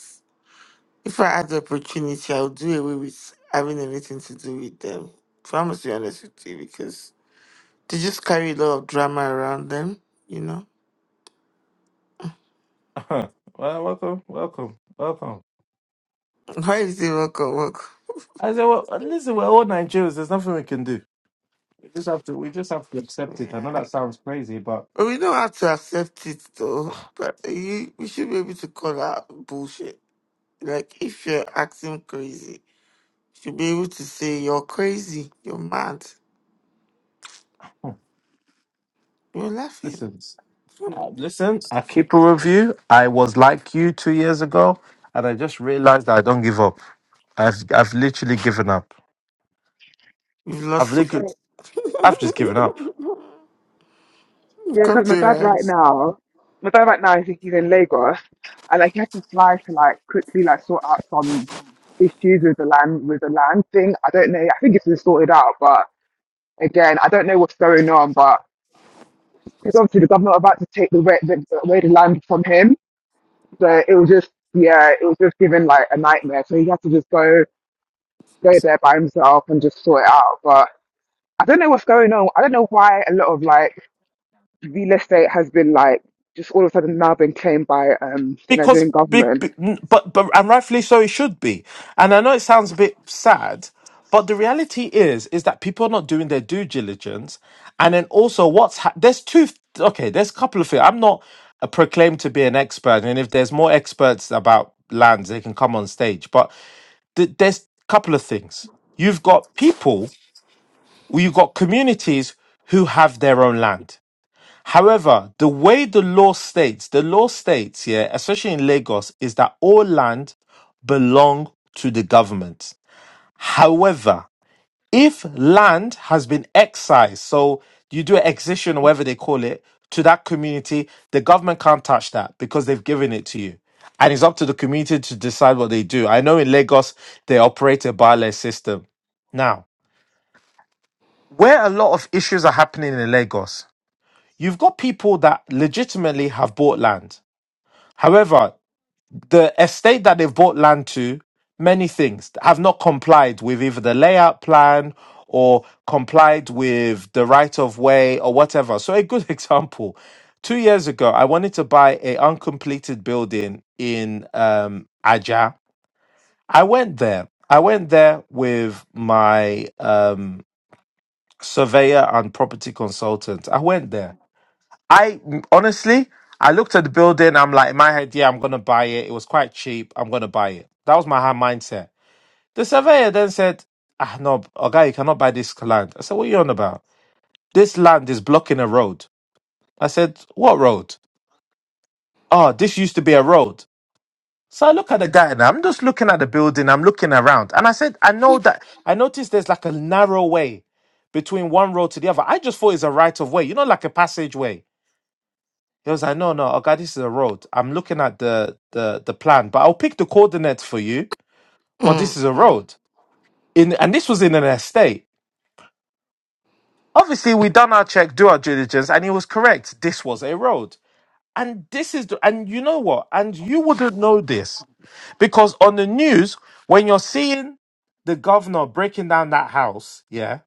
[SPEAKER 1] if I had the opportunity, I would do away with having anything to do with them. If I must be honest with you, because they just carry a lot of drama around them. You know,
[SPEAKER 2] Uh-huh. well, welcome, welcome, welcome.
[SPEAKER 1] why is it work or work?
[SPEAKER 2] I said, well, uh, listen, we're all Nigerians. There's nothing we can do. We just have to. We just have to accept it. I know
[SPEAKER 1] Yeah.
[SPEAKER 2] that sounds crazy, but
[SPEAKER 1] But we know how to accept it though. But you, we should be able to call that bullshit. Like if you're acting crazy, you should be able to say you're crazy, you're mad, you're laughing.
[SPEAKER 2] listen,
[SPEAKER 1] you
[SPEAKER 3] yeah.
[SPEAKER 2] uh, listen. I keep a review. I was like you two years ago, and I just realized that I don't give up. I've I've literally given up.
[SPEAKER 1] have
[SPEAKER 2] I've
[SPEAKER 1] lost to
[SPEAKER 2] literally,
[SPEAKER 3] So
[SPEAKER 2] I've just given up.
[SPEAKER 3] yeah,
[SPEAKER 1] come
[SPEAKER 3] because my
[SPEAKER 1] to
[SPEAKER 3] dad right
[SPEAKER 1] realms.
[SPEAKER 3] now, my dad right now, I think he's in Lagos, and like he has to fly to like quickly like sort out some issues with the land with the land thing. I don't know. I think it's been sorted out, but again, I don't know what's going on. But because obviously the government are about to take the, re- the away the land from him. So it was just, yeah, it was just given like a nightmare. So he had to just go, go there by himself and just sort it out. But I don't know what's going on. I don't know why a lot of like real estate has been like just all of a sudden now been claimed by um the
[SPEAKER 2] because
[SPEAKER 3] Nigerian
[SPEAKER 2] big,
[SPEAKER 3] government.
[SPEAKER 2] but but and rightfully so it should be and i know it sounds a bit sad but the reality is is that people are not doing their due diligence and then also what's ha- there's two okay there's a couple of things i'm not uh, proclaimed to be an expert and if there's more experts about lands they can come on stage but th- there's a couple of things you've got people or you've got communities who have their own land However, the way the law states, the law states here, especially in Lagos, is that all land belong to the government. However, if land has been excised, so you do an excision or whatever they call it to that community, the government can't touch that because they've given it to you. And it's up to the community to decide what they do. I know in Lagos, they operate a barless system. Now, where a lot of issues are happening in Lagos, you've got people that legitimately have bought land. However, the estate that they've bought land to, many things have not complied with either the layout plan or complied with the right of way or whatever. So, a good example two years ago, I wanted to buy a uncompleted building in um, Aja. I went there. I went there with my um, surveyor and property consultant. I went there. I honestly, I looked at the building. I'm like, in my head, yeah, I'm gonna buy it. It was quite cheap. I'm gonna buy it. That was my hard mindset. The surveyor then said, "Ah, no, okay, you cannot buy this land." I said, "What are you on about? This land is blocking a road." I said, "What road?" Oh, this used to be a road. So I look at the guy and I'm just looking at the building. I'm looking around, and I said, "I know that." I noticed there's like a narrow way between one road to the other. I just thought it's a right of way, you know, like a passageway. He was like, no, no, okay, this is a road. I'm looking at the the the plan, but I'll pick the coordinates for you. But this
[SPEAKER 1] Mm.
[SPEAKER 2] is a road. In and this was in an estate. Obviously, we done our check, do our diligence, and he was correct. This was a road. And this is the, and you know what? And you wouldn't know this. Because on the news, when you're seeing the governor breaking down that house, yeah.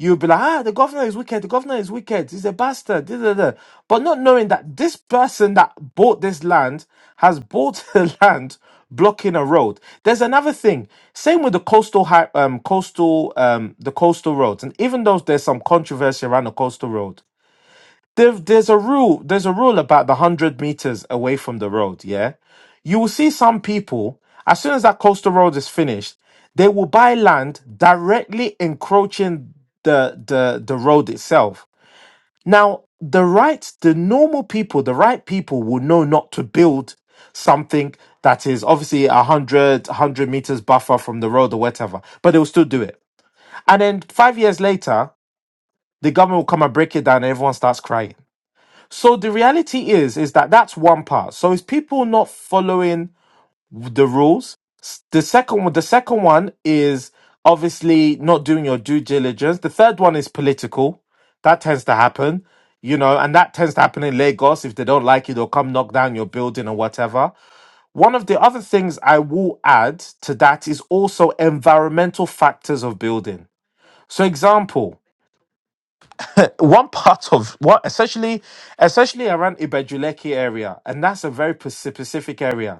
[SPEAKER 2] You'll be like, ah, the governor is wicked. The governor is wicked. He's a bastard. Da, da, da. But not knowing that this person that bought this land has bought the land blocking a road. There's another thing. Same with the coastal, hi- um, coastal, um, the coastal roads. And even though there's some controversy around the coastal road, there, there's a rule there's a rule about the 100 meters away from the road yeah you will see some people as soon as that coastal road is finished they will buy land directly encroaching the the the road itself now the right the normal people the right people will know not to build something that is obviously 100 100 meters buffer from the road or whatever but they will still do it and then five years later the government will come and break it down and everyone starts crying so the reality is, is that that's one part. So it's people not following the rules. S- The second one, the second one is obviously not doing your due diligence. The third one is political. That tends to happen, you know, and that tends to happen in Lagos. If they don't like you, they'll come knock down your building or whatever. One of the other things I will add to that is also environmental factors of building. So example, one part of what essentially, essentially around Ibejuleki area, and that's a very p- specific area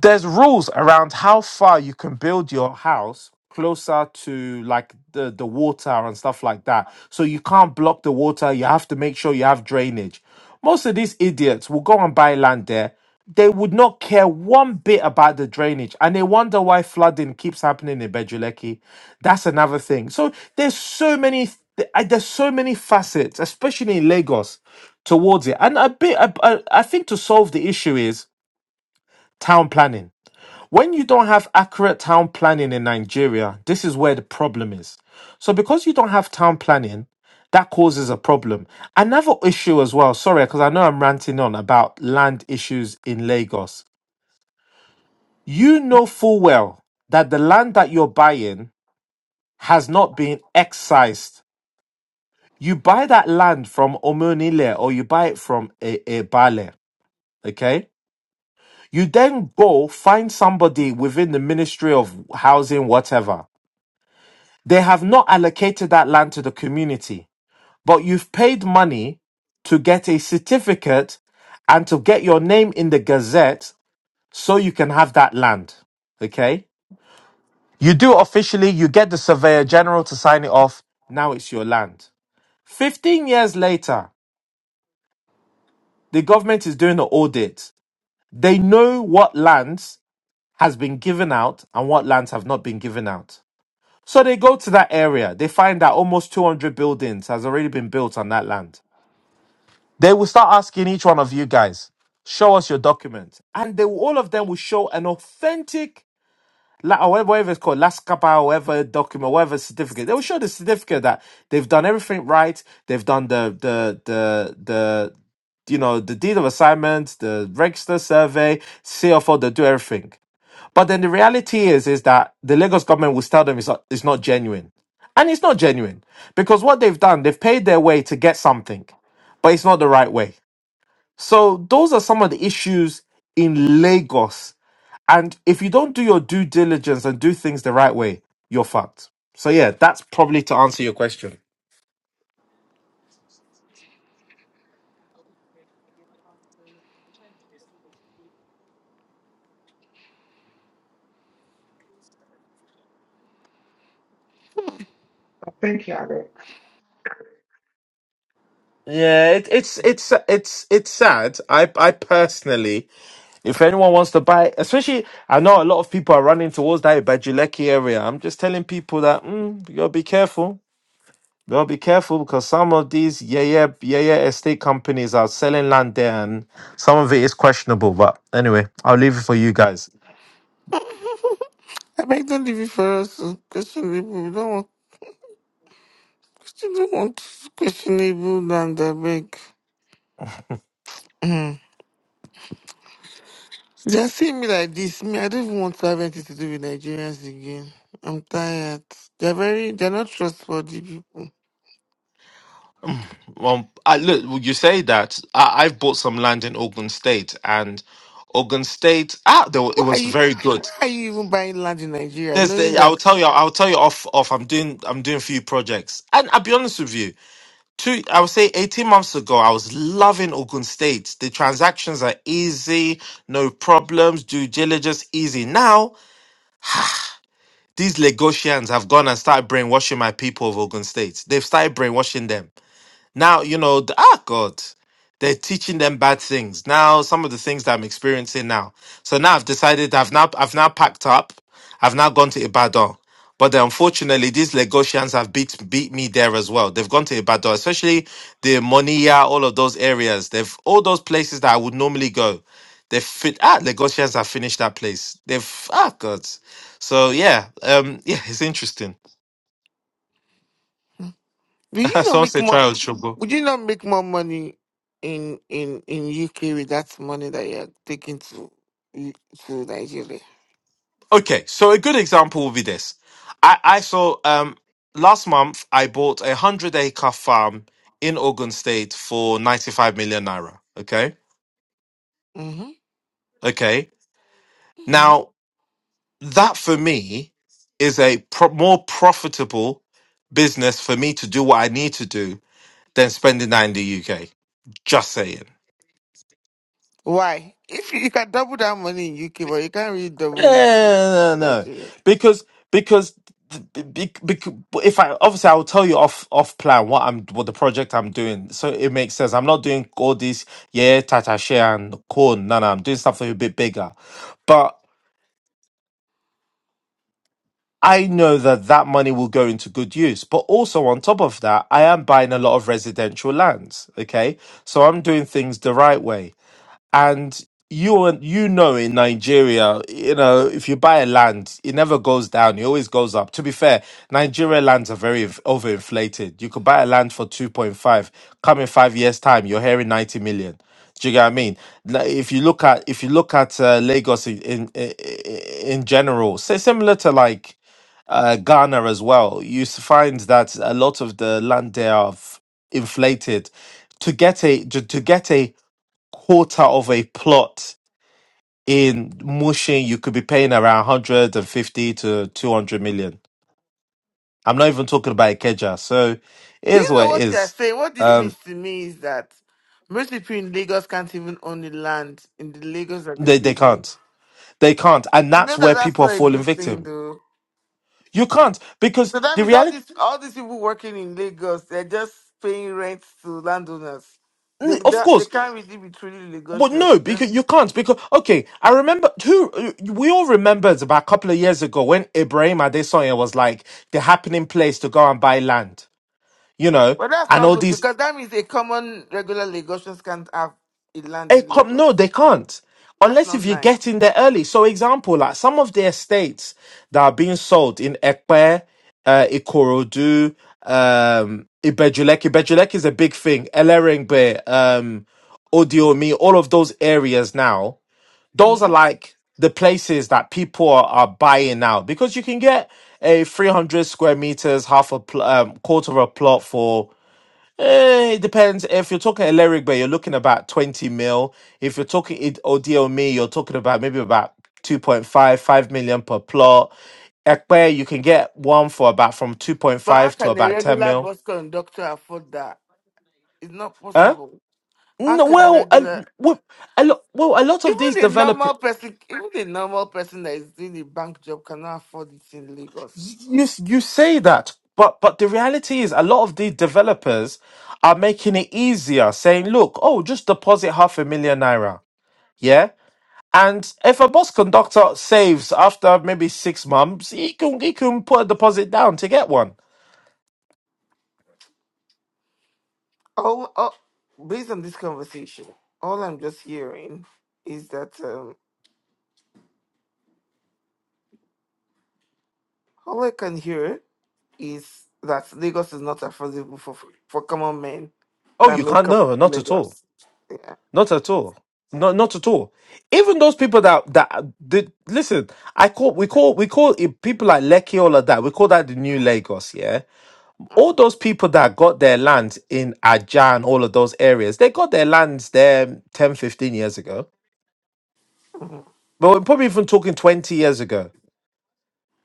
[SPEAKER 2] there's rules around how far you can build your house closer to like the the water and stuff like that so you can't block the water you have to make sure you have drainage most of these idiots will go and buy land there they would not care one bit about the drainage and they wonder why flooding keeps happening in Bejuleki. That's another thing. So there's so many th- uh, there's so many facets, especially in Lagos, towards it. And a bit I, I I think to solve the issue is town planning when you don't have accurate town planning in Nigeria, this is where the problem is. So, because you don't have town planning, that causes a problem. Another issue as well, sorry, because I know I'm ranting on about land issues in Lagos. You know full well that the land that you're buying has not been excised. You buy that land from Omonile or you buy it from E- Ebale, okay? You then go find somebody within the Ministry of Housing, whatever They have not allocated that land to the community, but you've paid money to get a certificate and to get your name in the Gazette so you can have that land. Okay? You do it officially, you get the Surveyor General to sign it off. Now it's your land. 15 years later, the government is doing an audit. They know what lands has been given out and what lands have not been given out. So they go to that area. They find that almost 200 buildings has already been built on that land. They will start asking each one of you guys, show us your document. And they will, all of them will show an authentic, la- or whatever whatever it's called, last kappa, whatever document, whatever certificate. They will show the certificate that they've done everything right. They've done the, the, the, the, you know, the deed of assignment, the register survey, CFO, they do everything. But then the reality is, is that the Lagos government will tell them it's not, it's not genuine. And it's not genuine because what they've done, they've paid their way to get something, but it's not the right way. So those are some of the issues in Lagos. And if you don't do your due diligence and do things the right way, you're fucked. So yeah, that's probably to answer your question.
[SPEAKER 3] Thank you, Alex.
[SPEAKER 2] Yeah, it, it's it's it's it's sad. I I personally, if anyone wants to buy, especially I know a lot of people are running towards that Bajuleki area. I'm just telling people that mm, you gotta be careful. Well, be careful because some of these yeah yeah yeah yeah estate companies are selling land there, and some of it is questionable. But anyway, I'll leave it for you guys.
[SPEAKER 1] I beg don't leave it for us to question people. We don't want question, don't want questionable land. I beg. They are seeing me like this. Me, I don't even want to have anything to do with Nigerians again. I'm tired. They're very, they're not trustworthy people.
[SPEAKER 2] Well, I, look, well, you say that. I, I've bought some land in Ogun State, and Ogun State, ah, there, wa- it
[SPEAKER 1] Why are
[SPEAKER 2] was
[SPEAKER 1] you,
[SPEAKER 2] very good.
[SPEAKER 1] why are you even buying land in Nigeria,
[SPEAKER 2] There's
[SPEAKER 1] knowing
[SPEAKER 2] the, I'll
[SPEAKER 1] that?
[SPEAKER 2] tell you, I'll tell you off, off. I'm doing, I'm doing a few projects, and I'll be honest with you. Two, I would say, eighteen months ago, I was loving Ogun State. The transactions are easy, no problems, due diligence easy. Now These Lagosians have gone and started brainwashing my people of Ogun State. They've started brainwashing them. Now, you know, the, ah, God, they're teaching them bad things. Now, some of the things that I'm experiencing now. So now I've decided I've now, I've now packed up. I've now gone to Ibadan. But then unfortunately, these Lagosians have beat, beat me there as well. They've gone to Ibadan, especially the Moniya, all of those areas. They've, all those places that I would normally go. They've fit, ah, Lagosians have finished that place. They've, ah, God. So yeah, um, yeah, it's interesting.
[SPEAKER 1] Would you not
[SPEAKER 2] Someone
[SPEAKER 1] make
[SPEAKER 2] said try
[SPEAKER 1] more?
[SPEAKER 2] out
[SPEAKER 1] Would you not make more money in in in UK with that money that you're taking to to Nigeria?
[SPEAKER 2] Okay, so a good example will be this. I, I saw um last month I bought a hundred acre farm in Ogun State for ninety five million naira. Okay,
[SPEAKER 1] hmm
[SPEAKER 2] okay.
[SPEAKER 1] hmm
[SPEAKER 2] Now that for me is a pro- more profitable business for me to do what I need to do than spending that in the UK. Just saying.
[SPEAKER 1] Why? If you, you can double that money in UK, but you can't really double it in
[SPEAKER 2] Yeah, no, no,
[SPEAKER 1] Nigeria.
[SPEAKER 2] because because because if I obviously I will tell you off off plan what I'm what the project I'm doing, so it makes sense. I'm not doing all this yeah tata share and corn. No, no, I'm doing something a bit bigger, but. I know that that money will go into good use, but also on top of that, I am buying a lot of residential lands. Okay. So I'm doing things the right way. and you and you know in Nigeria, you know if you buy a land, it never goes down; it always goes up. To be fair, Nigeria lands are very inf- overinflated. You could buy a land for two point five. Come in five years' time, you're hearing ninety million. Do you get what I mean? Now, If you look at if you look at uh, Lagos in, in in in general, say similar to like uh, Ghana as well, you s- find that a lot of the land there are f- inflated. To get a to to get a quarter of a plot in Mushin, you could be paying around 150 to 200 million. I'm not even talking about Ikeja. So it
[SPEAKER 1] Do
[SPEAKER 2] is
[SPEAKER 1] you know
[SPEAKER 2] what it
[SPEAKER 1] what you are
[SPEAKER 2] is.
[SPEAKER 1] saying? What this
[SPEAKER 2] Um,
[SPEAKER 1] means to me is that most people in Lagos can't even own the land in the Lagos that they
[SPEAKER 2] they, they
[SPEAKER 1] live in.
[SPEAKER 2] can't. They can't. And
[SPEAKER 1] You
[SPEAKER 2] that's
[SPEAKER 1] know that
[SPEAKER 2] where
[SPEAKER 1] that's
[SPEAKER 2] people are
[SPEAKER 1] not a
[SPEAKER 2] falling
[SPEAKER 1] good thing,
[SPEAKER 2] victim.
[SPEAKER 1] though.
[SPEAKER 2] You can't because
[SPEAKER 1] So that
[SPEAKER 2] the
[SPEAKER 1] means all
[SPEAKER 2] reality,
[SPEAKER 1] these all these people working in Lagos, they're just paying rent to landowners. They
[SPEAKER 2] Mm, of
[SPEAKER 1] they, they
[SPEAKER 2] course,
[SPEAKER 1] can't really be truly
[SPEAKER 2] but
[SPEAKER 1] Lagosians.
[SPEAKER 2] no,
[SPEAKER 1] They can't.
[SPEAKER 2] because you can't. Because, okay, I remember who we all remembered about a couple of years ago when Ibrahim Adesanya was like the happening place to go and buy land, you know,
[SPEAKER 1] But that's
[SPEAKER 2] and
[SPEAKER 1] not
[SPEAKER 2] all
[SPEAKER 1] good
[SPEAKER 2] these
[SPEAKER 1] because that means a common regular Lagosians can't have a land
[SPEAKER 2] It
[SPEAKER 1] in
[SPEAKER 2] com-
[SPEAKER 1] Lagos.
[SPEAKER 2] no, they can't.
[SPEAKER 1] That's
[SPEAKER 2] Unless
[SPEAKER 1] not
[SPEAKER 2] if you get
[SPEAKER 1] nice.
[SPEAKER 2] in there early. So example, like some of the estates that are being sold in Ekpe, uh, Ikorodu, um, Ibejulek. Ibejulek is a big thing. Elerengbe, um, Odiomi, all of those areas now. Those are
[SPEAKER 1] hmm
[SPEAKER 2] like the places that people are, are buying now because you can get a 300 square meters, half a pl- um, quarter of a plot for Eh, it depends. If you're talking Aleric Bay, you're looking about 20 mil. If you're talking Id- Odil Me, you're talking about maybe about two point five five million per plot. Ekpe, you can get one for about from
[SPEAKER 1] But how
[SPEAKER 2] 2.5 to
[SPEAKER 1] can a
[SPEAKER 2] about 10
[SPEAKER 1] regular
[SPEAKER 2] mil.
[SPEAKER 1] bus conductor afford that? It's not
[SPEAKER 2] Huh?
[SPEAKER 1] possible. How
[SPEAKER 2] No,
[SPEAKER 1] can a
[SPEAKER 2] well, a,
[SPEAKER 1] regular,
[SPEAKER 2] well, a lot, well, a lot of
[SPEAKER 1] even
[SPEAKER 2] these
[SPEAKER 1] a
[SPEAKER 2] developers,
[SPEAKER 1] normal person, even a normal person that is doing a bank job cannot afford it in Lagos?
[SPEAKER 2] you, s- you say that, but, but the reality is a lot of these developers are making it easier, saying, look, oh, just deposit half a million naira. Yeah? And if a bus conductor saves after maybe six months, he can he can put a deposit down to get one.
[SPEAKER 1] Oh, oh based on this conversation, all I'm just hearing is that um, all I can hear is that Lagos is not affordable for for common men
[SPEAKER 2] Oh,
[SPEAKER 1] that
[SPEAKER 2] you can't?
[SPEAKER 1] make up
[SPEAKER 2] No, not at all.
[SPEAKER 1] Lagos. Yeah.
[SPEAKER 2] Not at all. Not not at all. Even those people that that did listen, I call we call we call it people like Lekki all of that. We call that the new Lagos. Yeah, all those people that got their land in Ajan, all of those areas, they got their lands there 10 15 years ago.
[SPEAKER 1] Mm,
[SPEAKER 2] But we're probably even talking twenty years ago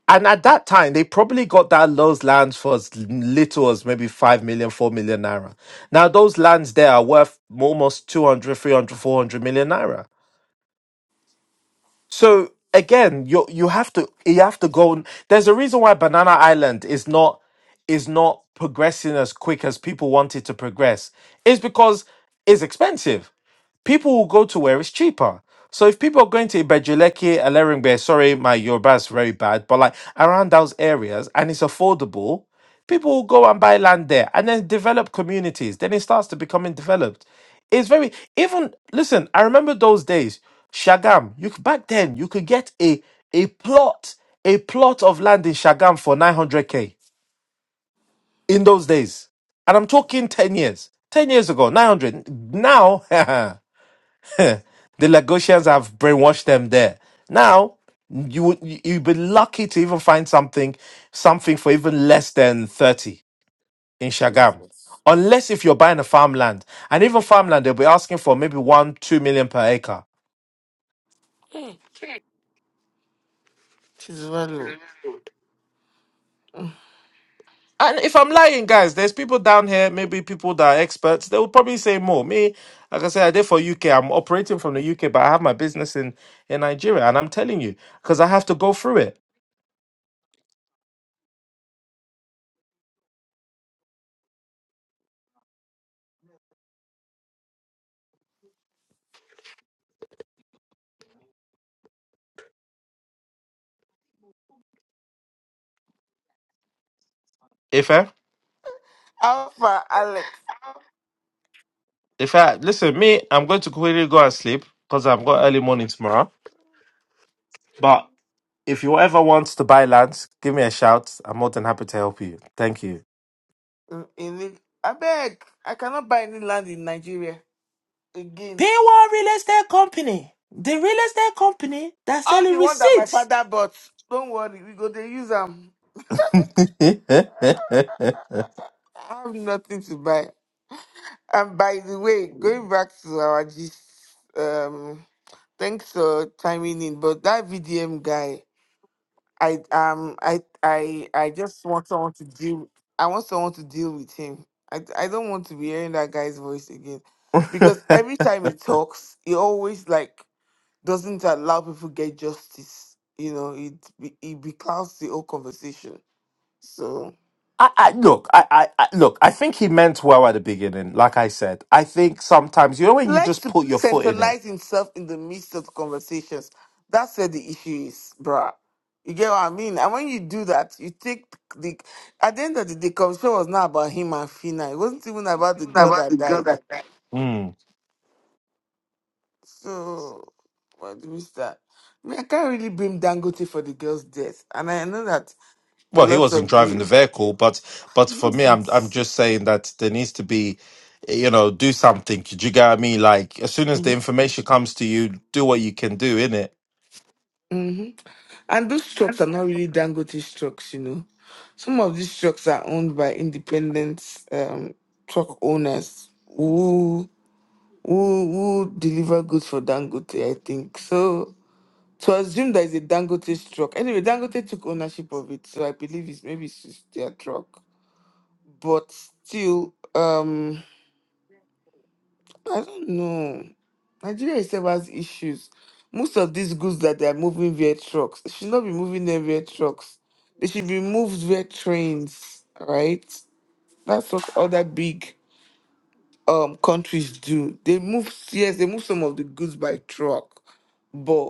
[SPEAKER 2] And at that time, they probably got that those lands for as little as maybe five million, four million naira. Now, those lands there are worth almost two hundred, three hundred, four hundred million naira. So, again, you you have to you have to go. There's a reason why Banana Island is not is not progressing as quick as people want it to progress. It's because it's expensive people will go to where it's cheaper. So if people are going to Ibejuleki, Eleringbe, sorry, my Yoruba is very bad, but like around those areas and it's affordable, people will go and buy land there and then develop communities. Then it starts to becoming developed. It's very even listen, I remember those days, Shagam, you could back then you could get a a plot, a plot of land in Shagam for 900k in those days. And I'm talking 10 years. 10 years ago, 900. Now, The Lagosians have brainwashed them there. Now you would you'd be lucky to even find something something for even less than thirty in Shagam,
[SPEAKER 1] Jesus.
[SPEAKER 2] unless if you're buying a farmland, and even farmland they'll be asking for maybe one two million per acre.
[SPEAKER 1] Hey, She's well low. Mm.
[SPEAKER 2] And if I'm lying, guys, there's people down here, maybe people that are experts, they will probably say more. Me, like I said, I did for UK. I'm operating from the UK, but I have my business in, in Nigeria. And I'm telling you, because I have to go through it. Ife?
[SPEAKER 1] Alpha Alex.
[SPEAKER 2] If I listen, me, I'm going to quickly go and sleep because I've got early morning tomorrow. But if you ever want to buy land, give me a shout. I'm more than happy to help you. Thank you.
[SPEAKER 1] In, in, I beg, I cannot buy any land in Nigeria again.
[SPEAKER 2] P one Real Estate Company, the real estate company that's
[SPEAKER 1] All
[SPEAKER 2] selling
[SPEAKER 1] the one that my
[SPEAKER 2] receipts.
[SPEAKER 1] father bought. Don't worry, we go to use them. I I- I have nothing to buy. And by the way, going back to our gist, um, thanks for chiming in. But that VDM guy, I um, I I I just want someone to deal. I want someone to deal with him. I I don't want to be hearing that guy's voice again, because every time he talks, he always like doesn't allow people get justice. You know, it be- it becomes the whole conversation. So
[SPEAKER 2] I, I look, I, I, I look. I think he meant well at the beginning. Like I said, I think sometimes you know
[SPEAKER 1] he
[SPEAKER 2] when you
[SPEAKER 1] likes
[SPEAKER 2] just
[SPEAKER 1] to
[SPEAKER 2] put your foot in it.
[SPEAKER 1] centralize himself in the midst of conversations. That's where the issue is, bruh. You get what I mean? And when you do that, you take the at the end of the day, conversation was not about him and Fina. It wasn't even about the girl that died. So what do we start? I mean, I can't really blame Dangote for the girl's death. And I know that a
[SPEAKER 2] Well, he
[SPEAKER 1] lot
[SPEAKER 2] wasn't
[SPEAKER 1] of
[SPEAKER 2] driving the
[SPEAKER 1] you
[SPEAKER 2] vehicle, but but for me, I'm I'm
[SPEAKER 1] Not
[SPEAKER 2] just saying that there needs to be, you know, do something. Do you get what I mean? Like as soon as the information comes to you, do what you can do in it.
[SPEAKER 1] hmm And those trucks are not really Dangote trucks, you know. Some of these trucks are owned by independent um, truck owners who, who who deliver goods for Dangote, I think. So to assume that it's a Dangote truck. Anyway, Dangote took ownership of it, so I believe it's maybe it's just their truck. But still, um. I don't know. Nigeria itself has issues. Most of these goods that they are moving via trucks, it should not be moving them via trucks. They should be moved via trains, right? That's what other big um countries do. They move yes, they move some of the goods by truck, but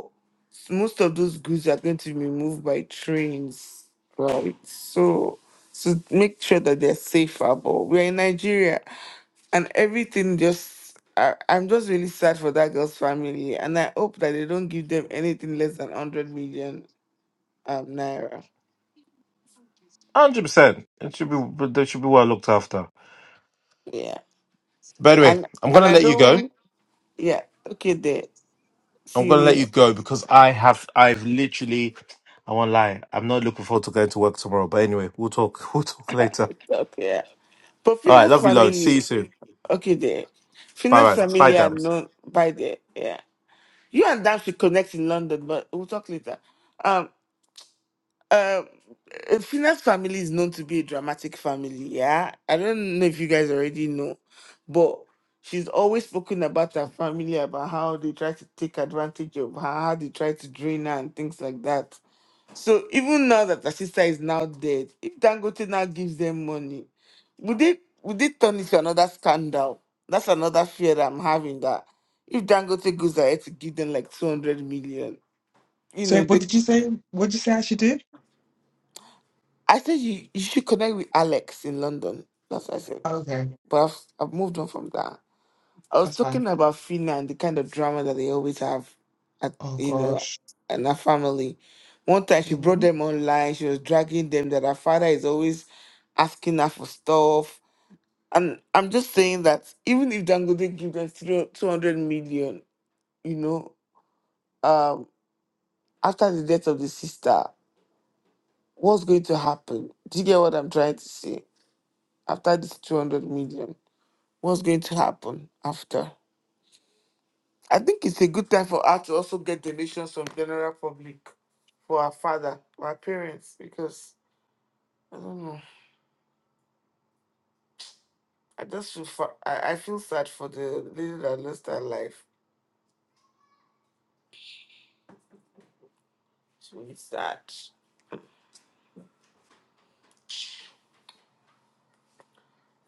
[SPEAKER 1] most of those goods are going to be moved by trains, right? So so make sure that they're safer. But we're in Nigeria and everything just I, i'm just really sad for that girl's family and i hope that they don't give them anything less than 100 million um naira
[SPEAKER 2] Hundred percent. It should be they should be well looked after.
[SPEAKER 1] yeah
[SPEAKER 2] By the way,
[SPEAKER 1] and
[SPEAKER 2] I'm
[SPEAKER 1] and
[SPEAKER 2] gonna
[SPEAKER 1] i
[SPEAKER 2] let you go.
[SPEAKER 1] don't yeah okay there
[SPEAKER 2] I'm
[SPEAKER 1] see you
[SPEAKER 2] gonna let you
[SPEAKER 1] later
[SPEAKER 2] go because I have I've literally I won't lie. I'm not looking forward to going to work tomorrow. But anyway, we'll talk. We'll talk later.
[SPEAKER 1] okay yeah. but
[SPEAKER 2] All right,
[SPEAKER 1] Fina's
[SPEAKER 2] love you loads. See you
[SPEAKER 1] family
[SPEAKER 2] soon.
[SPEAKER 1] okay there Fina's
[SPEAKER 2] Bye bye. Bye,
[SPEAKER 1] family are
[SPEAKER 2] Dams.
[SPEAKER 1] known by there yeah you and Dan should connect in london but we'll talk later Um, Um, uh, Fina's family is known to be a dramatic family. Yeah, I don't know if you guys already know, but she's always spoken about her family, about how they try to take advantage of her, how they try to drain her, and things like that. So even now that her sister is now dead, if Dangote now gives them money, would they would they turn it to another scandal? That's another fear that I'm having that if Dangote goes ahead to give them like 200 million, you
[SPEAKER 3] So,
[SPEAKER 1] know,
[SPEAKER 3] what
[SPEAKER 1] they
[SPEAKER 3] did you say? What did you say I should do?
[SPEAKER 1] I said you, you should connect with Alex in London. That's what I said.
[SPEAKER 3] Okay,
[SPEAKER 1] But I've, I've moved on from that. I was
[SPEAKER 3] that's fine.
[SPEAKER 1] talking about Finland, the kind of drama that they always have, at,
[SPEAKER 3] Oh
[SPEAKER 1] you know,
[SPEAKER 3] gosh.
[SPEAKER 1] and her family. One time she brought them online. She was dragging them that her father is always asking her for stuff. And I'm just saying that even if Dangote gives them three- 200 million, you know, um, after the death of the sister, what's going to happen? Do you get what I'm trying to say? After this 200 million? what's going to happen after. I think it's a good time for us to also get donations from general public for our father, for our parents, because I don't know. I just feel fa- I, I feel sad for the lady that lost her life. It's really sad.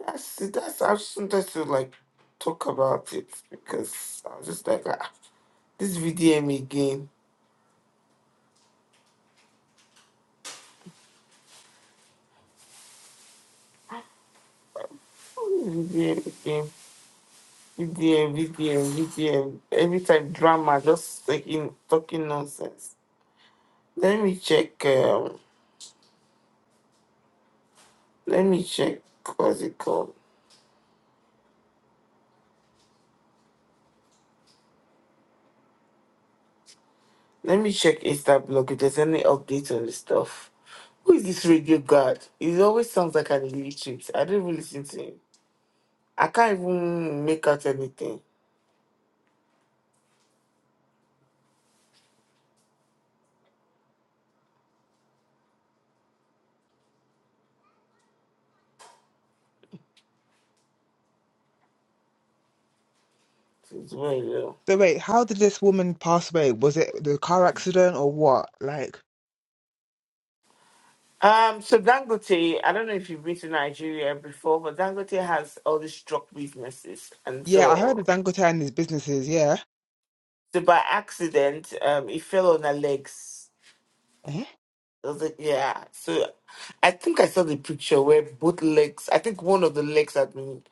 [SPEAKER 1] That's that's I just wanted to like talk about it because I was just like ah, this VDM again. VDM again. VDM, VDM, VDM. Every time drama, just taking talking nonsense. Let me check. Um, let me check. What's it called? Let me check Insta blog if there's any update on the stuff. Who is this radio guard? He always sounds like an illiterate. I don't even listen to him. I can't even make out anything. It's very low.
[SPEAKER 3] So wait, how did this woman pass away? Was it the car accident or what? Like,
[SPEAKER 1] Um, so Dangote, I don't know if you've been to Nigeria before, but Dangote has all these drug businesses, and
[SPEAKER 3] yeah, I heard of
[SPEAKER 1] so,
[SPEAKER 3] Dangote and his businesses, yeah.
[SPEAKER 1] so by accident, um, he fell on her legs
[SPEAKER 3] Eh?
[SPEAKER 1] Was it- Yeah. So I think I saw the picture where both legs, I think one of the legs had been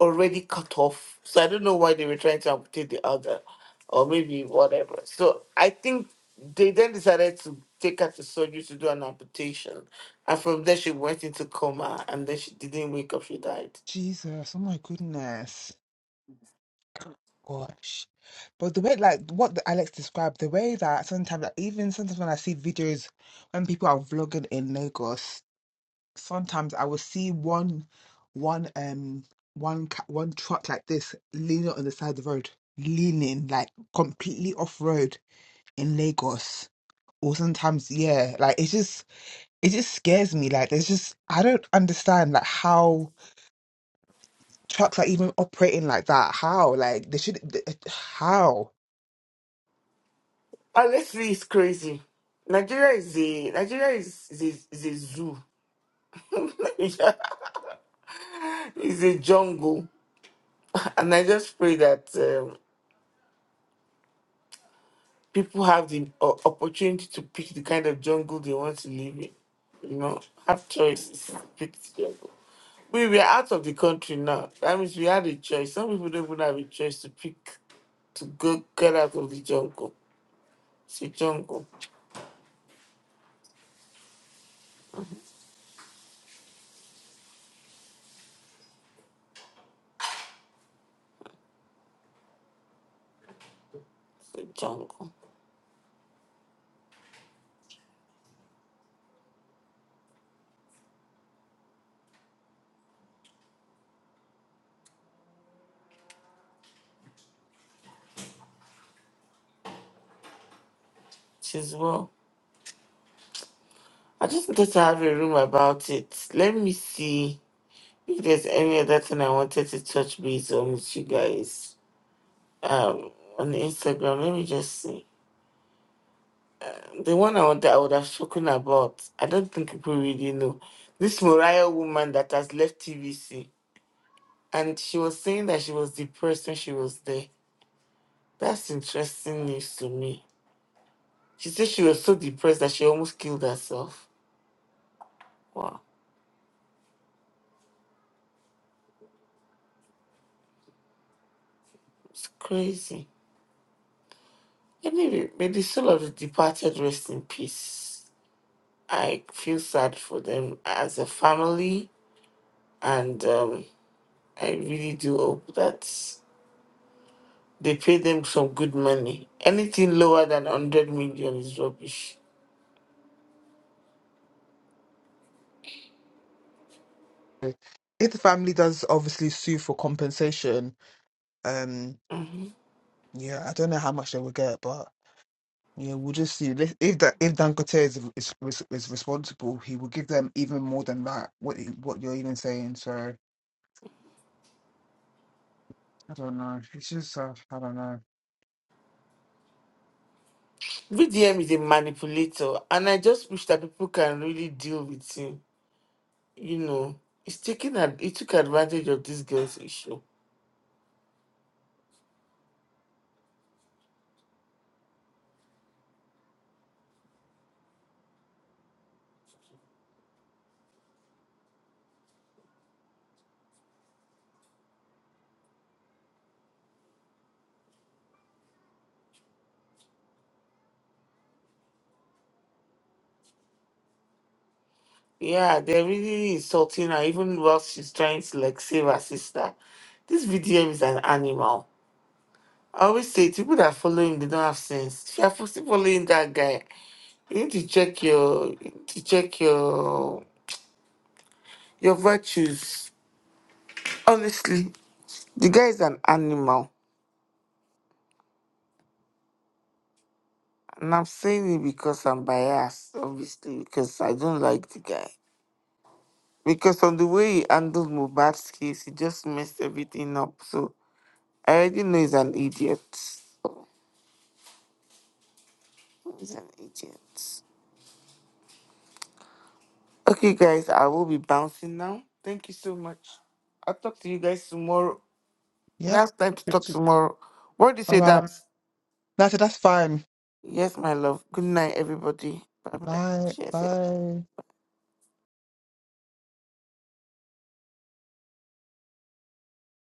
[SPEAKER 1] already cut off. So I don't know why they were trying to amputate the other or maybe whatever. So I think they then decided to take her to surgery to do an amputation. And from there, she went into coma and then she didn't wake up, she died.
[SPEAKER 3] Jesus, oh my goodness. Gosh. But the way, like, what the- Alex described, the way that sometimes, like, even sometimes when I see videos when people are vlogging in Lagos, sometimes I will see one, one, um, one, ca- one truck like this leaning on the side of the road, leaning like completely off road in Lagos. or sometimes yeah like it's just it just scares me like there's just i don't understand like how trucks are even operating like that how like they should th- uh, how
[SPEAKER 1] Honestly, it's crazy. Nigeria is a Nigeria is is a, is a zoo. Nigeria is a jungle, and I just pray that. um, people have the o- opportunity to pick the kind of jungle they want to live in. You know, have choices. Pick the jungle. We were out of the country now. That means we had a choice. Some people don't even have a choice to pick to go get out of the jungle. It's a jungle. It's a jungle. Says well. I just wanted to have a room about it. Let me see if there's any other thing I wanted to touch base on with you guys. Um on Instagram. Let me just see. the one I would, I would have spoken about, I don't think people really know. This Moriah woman that has left TVC, and she was saying that she was depressed when she was there. That's interesting news to me. She said she was so depressed that she almost killed herself. Wow, it's crazy. Anyway, may the soul of the departed rest in peace. I feel sad for them as a family, and um, I really do hope that. They pay them some good money. Anything lower than 100 million is rubbish.
[SPEAKER 3] if the family does obviously sue for compensation um
[SPEAKER 1] Mhm.
[SPEAKER 3] yeah i don't know how much they will get but yeah we'll just see let if that if dangote is, is is is responsible he will give them even more than that what you- what you're even saying so i don't know it's just uh, i don't know
[SPEAKER 1] VDM is a manipulator, and I just wish that people can really deal with him. You know, he's taking ad- he took advantage of this girl's issue. Yeah, they're really insulting her, even while she's trying to like save her sister. This VDM is an animal. I always say people that follow him, they don't have sense. If you're still following that guy, you need to check your you need to check your your virtues. Honestly, the guy is an animal. And I'm saying it because I'm biased, obviously, because I don't like the guy. Because on the way he handled Mubad's case, he just messed everything up. So I already know he's an idiot. He's an idiot. Okay, guys, I will be bouncing now. Thank you so much. I'll talk to you guys tomorrow. We
[SPEAKER 3] yep
[SPEAKER 1] have time to talk
[SPEAKER 3] It's-
[SPEAKER 1] tomorrow. What do you
[SPEAKER 3] all
[SPEAKER 1] say,
[SPEAKER 3] right
[SPEAKER 1] Dams?
[SPEAKER 3] that's that's fine
[SPEAKER 1] Yes, my love. Good night, everybody. Bye bye.
[SPEAKER 3] Bye.
[SPEAKER 1] Cheers, yeah, bye.
[SPEAKER 3] Bye.